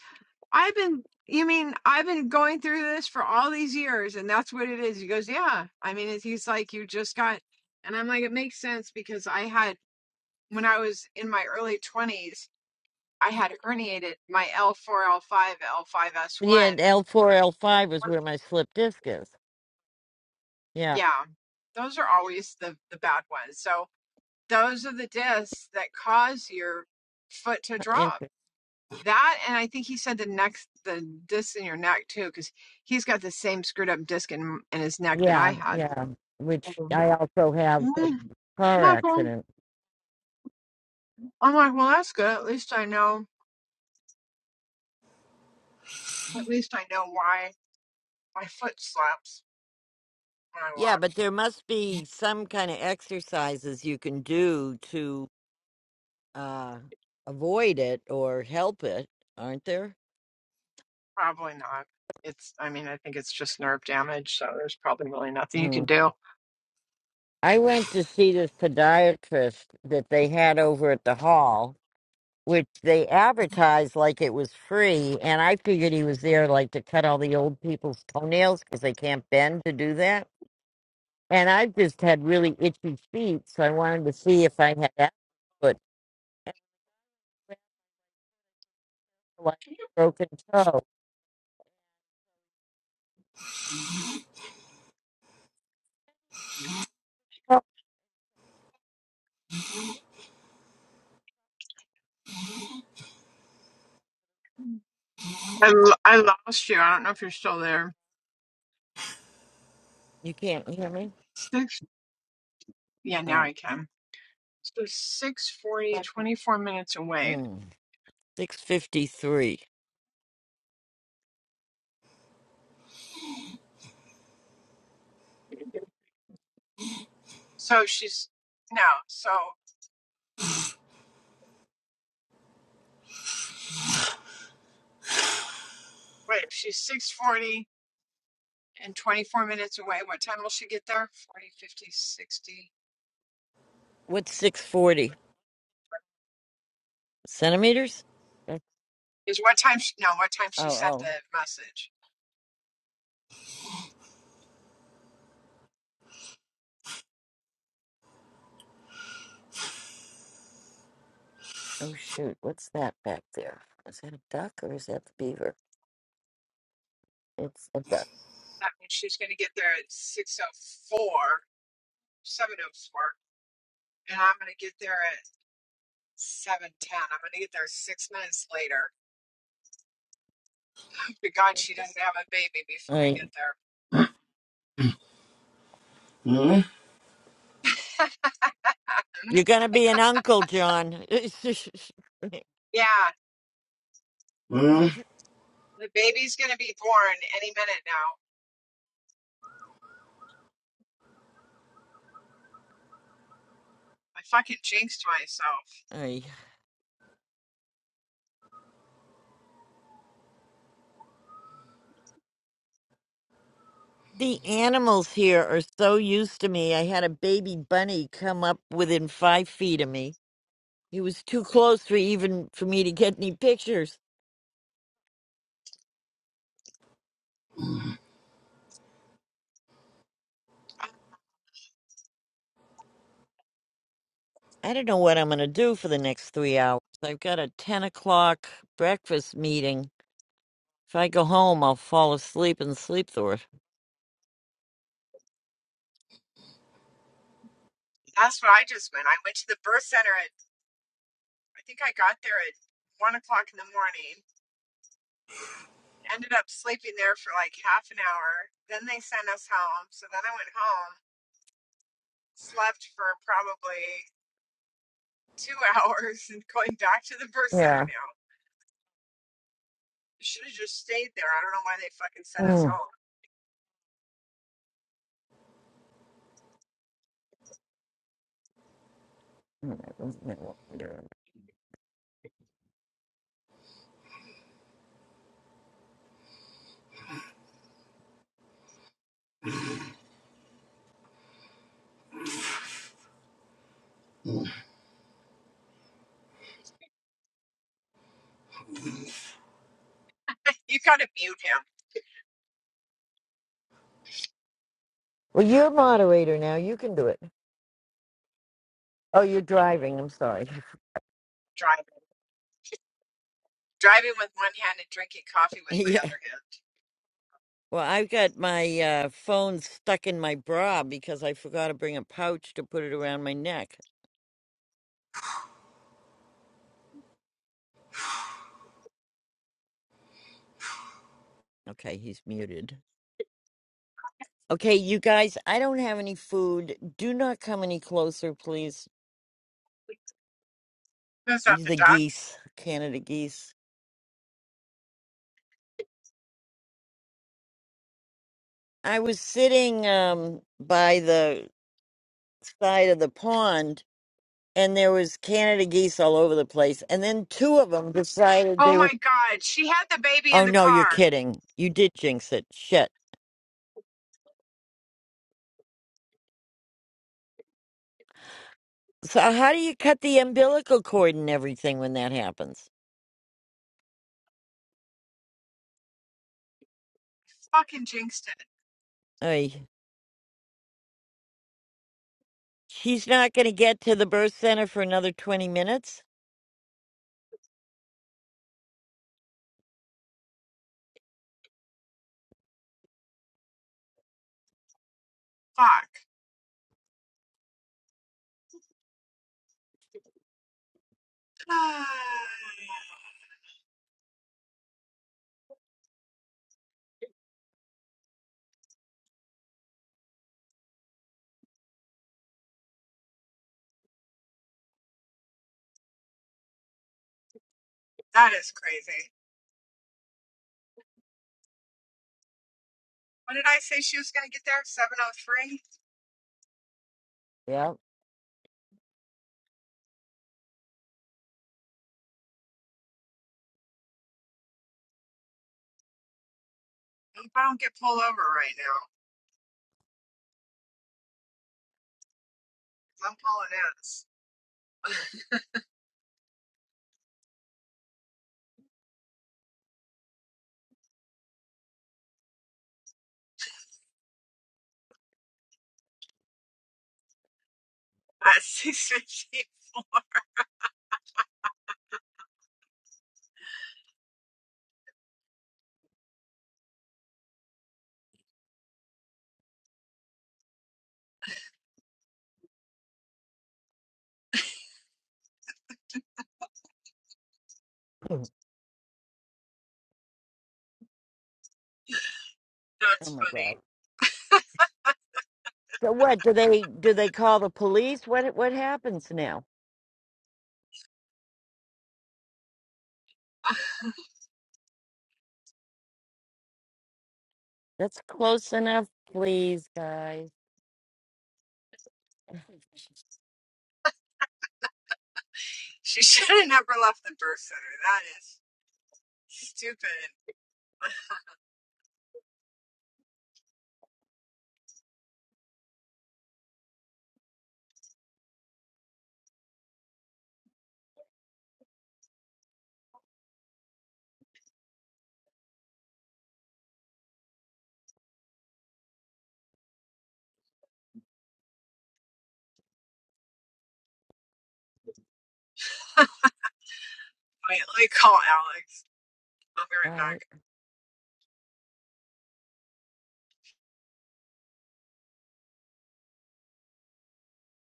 Speaker 4: I've been, you mean I've been going through this for all these years and that's what it is? He goes, Yeah. I mean, it, he's like, You just got, and I'm like, It makes sense because I had, when I was in my early 20s, I had herniated my L4, L5, L5S1.
Speaker 1: Yeah, and L four, L five is where my slip disc is. Yeah.
Speaker 4: Yeah. Those are always the, the bad ones. So those are the discs that cause your foot to drop
Speaker 1: Interesting.
Speaker 4: That and I think he said the next the disc in your neck too, because he's got the same screwed up disc in in his neck that I
Speaker 1: Yeah,
Speaker 4: had.
Speaker 1: yeah. Which
Speaker 4: Um,
Speaker 1: I also have
Speaker 4: mm,
Speaker 1: a
Speaker 4: I'm
Speaker 1: car
Speaker 4: like, well,
Speaker 1: accident.
Speaker 4: I'm like, well, that's good. At least I know. At least I know why my foot slaps when I
Speaker 1: Yeah,
Speaker 4: walk.
Speaker 1: but there must be some kind of exercises you can do to uh avoid it or help it, aren't there?
Speaker 4: Probably not. It's. I mean, I think it's just nerve damage. So there's probably really nothing you can do.
Speaker 1: I went to see this podiatrist that they had over at the hall, which they advertised like it was free, and I figured he was there like to cut all the old people's toenails because they can't bend to do that. And I just had really itchy feet, so I wanted to see if I had that foot and I felt like a broken toe. Oh,
Speaker 4: I lo- I lost you. I don't know if you're still there.
Speaker 1: You can't hear me?
Speaker 4: Six. Yeah, now
Speaker 1: Oh,
Speaker 4: I can. So six forty, twenty four minutes away.
Speaker 1: mm. six fifty three.
Speaker 4: So she's now. So wait, if she's six forty and twenty four minutes away. What time will she get there? Forty, fifty, sixty.
Speaker 1: What's six forty centimeters? That's-
Speaker 4: Is what time? She, no, what time she
Speaker 1: Oh,
Speaker 4: sent
Speaker 1: oh.
Speaker 4: the message?
Speaker 1: Oh shoot, what's that back there? Is that a duck or is that the beaver? It's a duck.
Speaker 4: That means she's going to get there at six oh four, seven oh four, and I'm going to get there at seven ten. I'm going to get there six minutes later. Hope To God, she doesn't have a baby before I
Speaker 1: Aye.
Speaker 4: get there.
Speaker 2: Hmm?
Speaker 4: Mm-hmm.
Speaker 1: You're gonna be an uncle, John.
Speaker 4: Yeah,
Speaker 2: Hmm?
Speaker 4: the baby's gonna be born any minute now. I fucking jinxed myself.
Speaker 1: Aye. The animals here are so used to me. I had a baby bunny come up within five feet of me. He was too close for even for me to get any pictures.
Speaker 4: Uh,
Speaker 1: I don't know what I'm gonna do for the next three hours. I've got a ten o'clock breakfast meeting. If I go home, I'll fall asleep and sleep through it.
Speaker 4: That's what I just went. I went to the birth center at I think I got there at one o'clock in the morning. Ended up sleeping there for like half an hour. Then they sent us home. So then I went home, slept for probably two hours, and going back to the birth center
Speaker 1: Yeah.
Speaker 4: now. Should have just stayed there. I don't know why they fucking sent us home. You gotta mute him
Speaker 1: Well, you're moderator now. You can do it. Oh, you're driving. I'm sorry.
Speaker 4: driving. Driving with one hand and drinking coffee with my
Speaker 1: Yeah.
Speaker 4: other hand.
Speaker 1: Well, I've got my uh, phone stuck in my bra because I forgot to bring a pouch to put it around my neck. Okay, he's muted. Okay, you guys, I don't have any food. Do not come any closer, please.
Speaker 4: That's not the
Speaker 1: The
Speaker 4: ducks.
Speaker 1: geese, Canada geese. I was sitting um, by the side of the pond and there was Canada geese all over the place. And then two of them decided
Speaker 4: Oh
Speaker 1: they were.
Speaker 4: my god, she had the baby
Speaker 1: Oh
Speaker 4: in the
Speaker 1: no, you're
Speaker 4: car.
Speaker 1: kidding! You did jinx it. Shit. So how do you cut the umbilical cord and everything when that happens?
Speaker 4: Fucking jinxed it.
Speaker 1: Ay, she's not going to get to the birth center for another twenty minutes.
Speaker 4: Fuck. that is crazy. What did I say she was going to get there? 703?
Speaker 1: Yeah.
Speaker 4: I hope I don't get pulled over right now. 'cause I'm pulling ass. At 615.
Speaker 1: oh
Speaker 4: That's
Speaker 1: my god.
Speaker 4: funny.
Speaker 1: So what do they do? They call the police? What what happens now? That's close enough, please, guys. All
Speaker 4: She should have never left the birth center. That is stupid. Wait, let me call Alex. I'll be right
Speaker 1: right.
Speaker 4: back.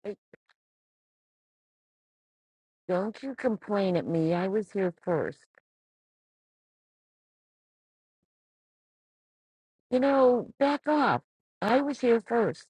Speaker 1: Hey, Don't you complain at me. I was here first. You know, back off. I was here first.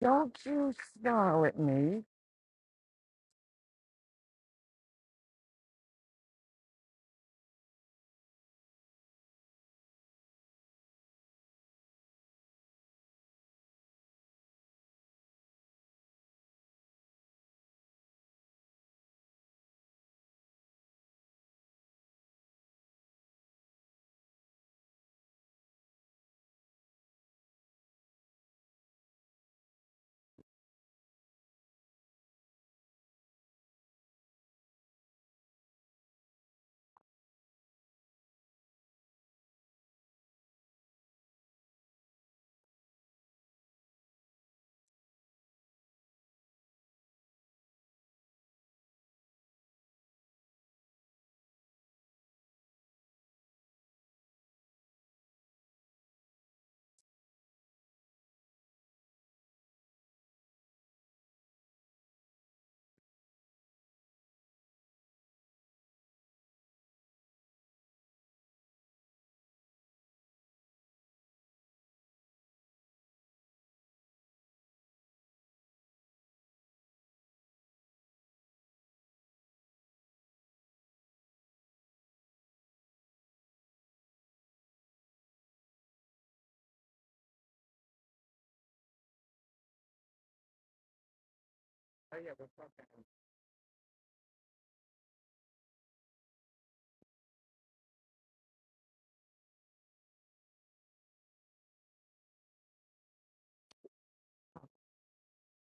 Speaker 1: Don't you snarl at me.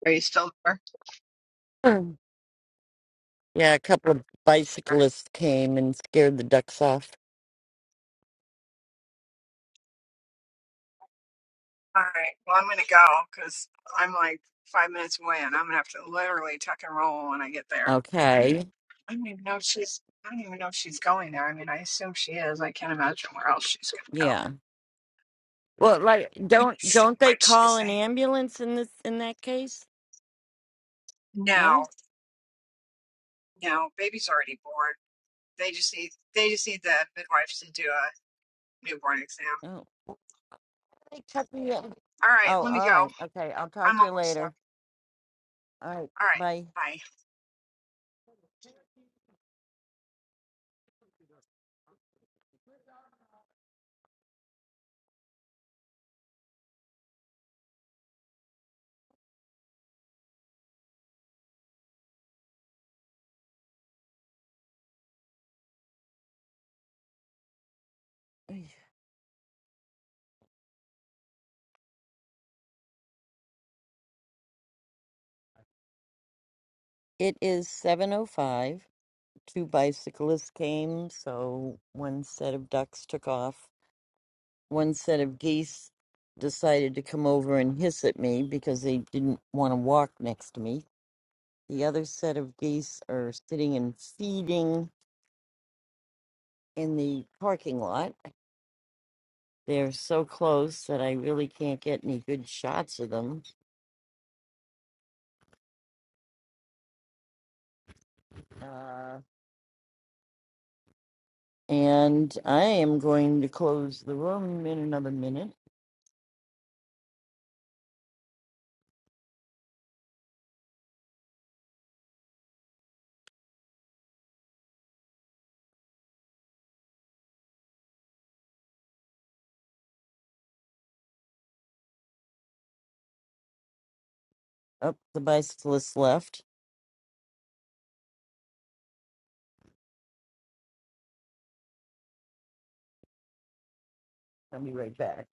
Speaker 4: Are you still there?
Speaker 1: Yeah, a couple of bicyclists came and scared the ducks off.
Speaker 4: All right. Well, I'm going to go because I'm like five minutes away and I'm going to have to literally tuck and roll when I get there.
Speaker 1: Okay.
Speaker 4: I don't even know if she's, I don't even know if she's going there. I mean, I assume she is. I can't imagine where else she's going to
Speaker 1: Yeah.
Speaker 4: go.
Speaker 1: Well, like don't
Speaker 4: Let's see
Speaker 1: don't
Speaker 4: what
Speaker 1: they
Speaker 4: did she
Speaker 1: call an
Speaker 4: say.
Speaker 1: ambulance in this in that case?
Speaker 4: No,
Speaker 1: No?
Speaker 4: no, baby's already bored. They just need, they just need the midwives to do a newborn exam.
Speaker 1: No. They check me out.
Speaker 4: All right.
Speaker 1: Oh,
Speaker 4: Let me
Speaker 1: all
Speaker 4: go.
Speaker 1: right. Okay, I'll talk
Speaker 4: I'm
Speaker 1: to you
Speaker 4: almost done.
Speaker 1: later. All right.
Speaker 4: All right.
Speaker 1: Bye.
Speaker 4: Bye.
Speaker 1: It is 7:05. Two bicyclists came, so one set of ducks took off. one set of geese decided to come over and hiss at me because they didn't want to walk next to me. The other set of geese are sitting and feeding in the parking lot. They're so close that I really can't get any good shots of them. Uh, and I am going to close the room in another minute. Up the bicyclist left. I'll be right back.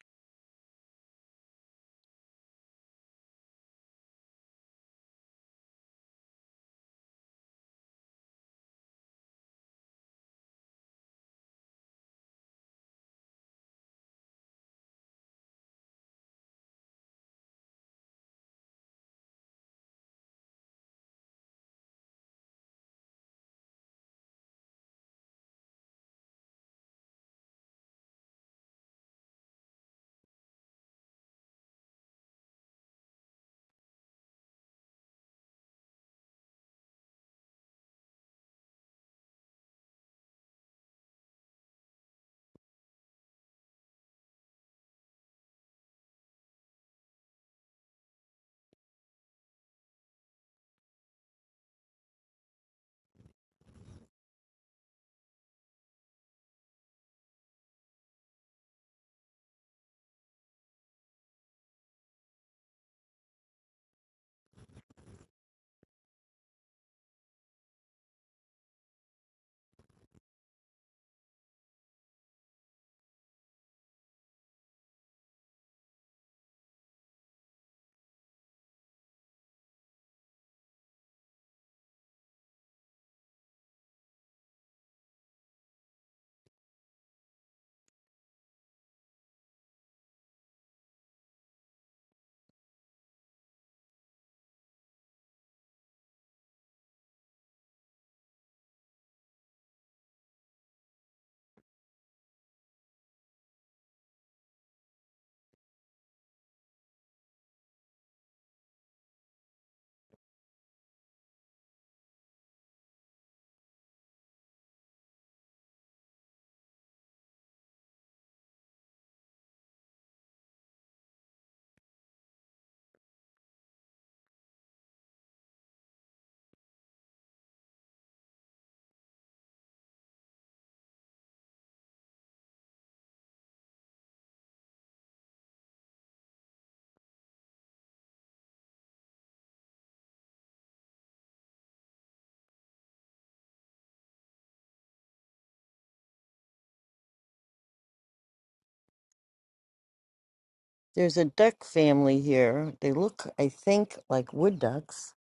Speaker 1: There's a duck family here. They look, I think, like wood ducks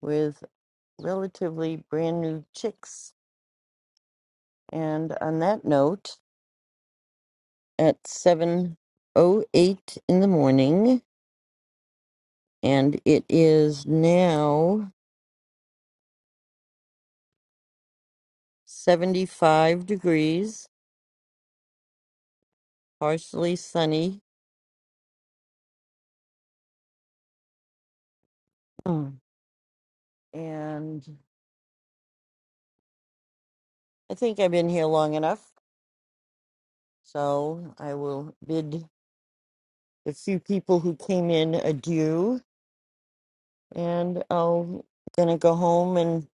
Speaker 1: with. relatively brand new chicks. And on that note, at 7:08 in the morning, and it is now 75 degrees, partially sunny. Mm. And I think I've been here long enough, so I will bid the few people who came in adieu, and I'm gonna go home and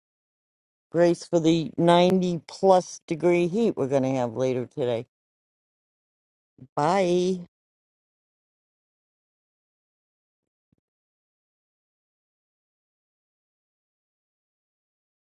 Speaker 1: brace for the 90 plus degree heat we're gonna have later today. Bye.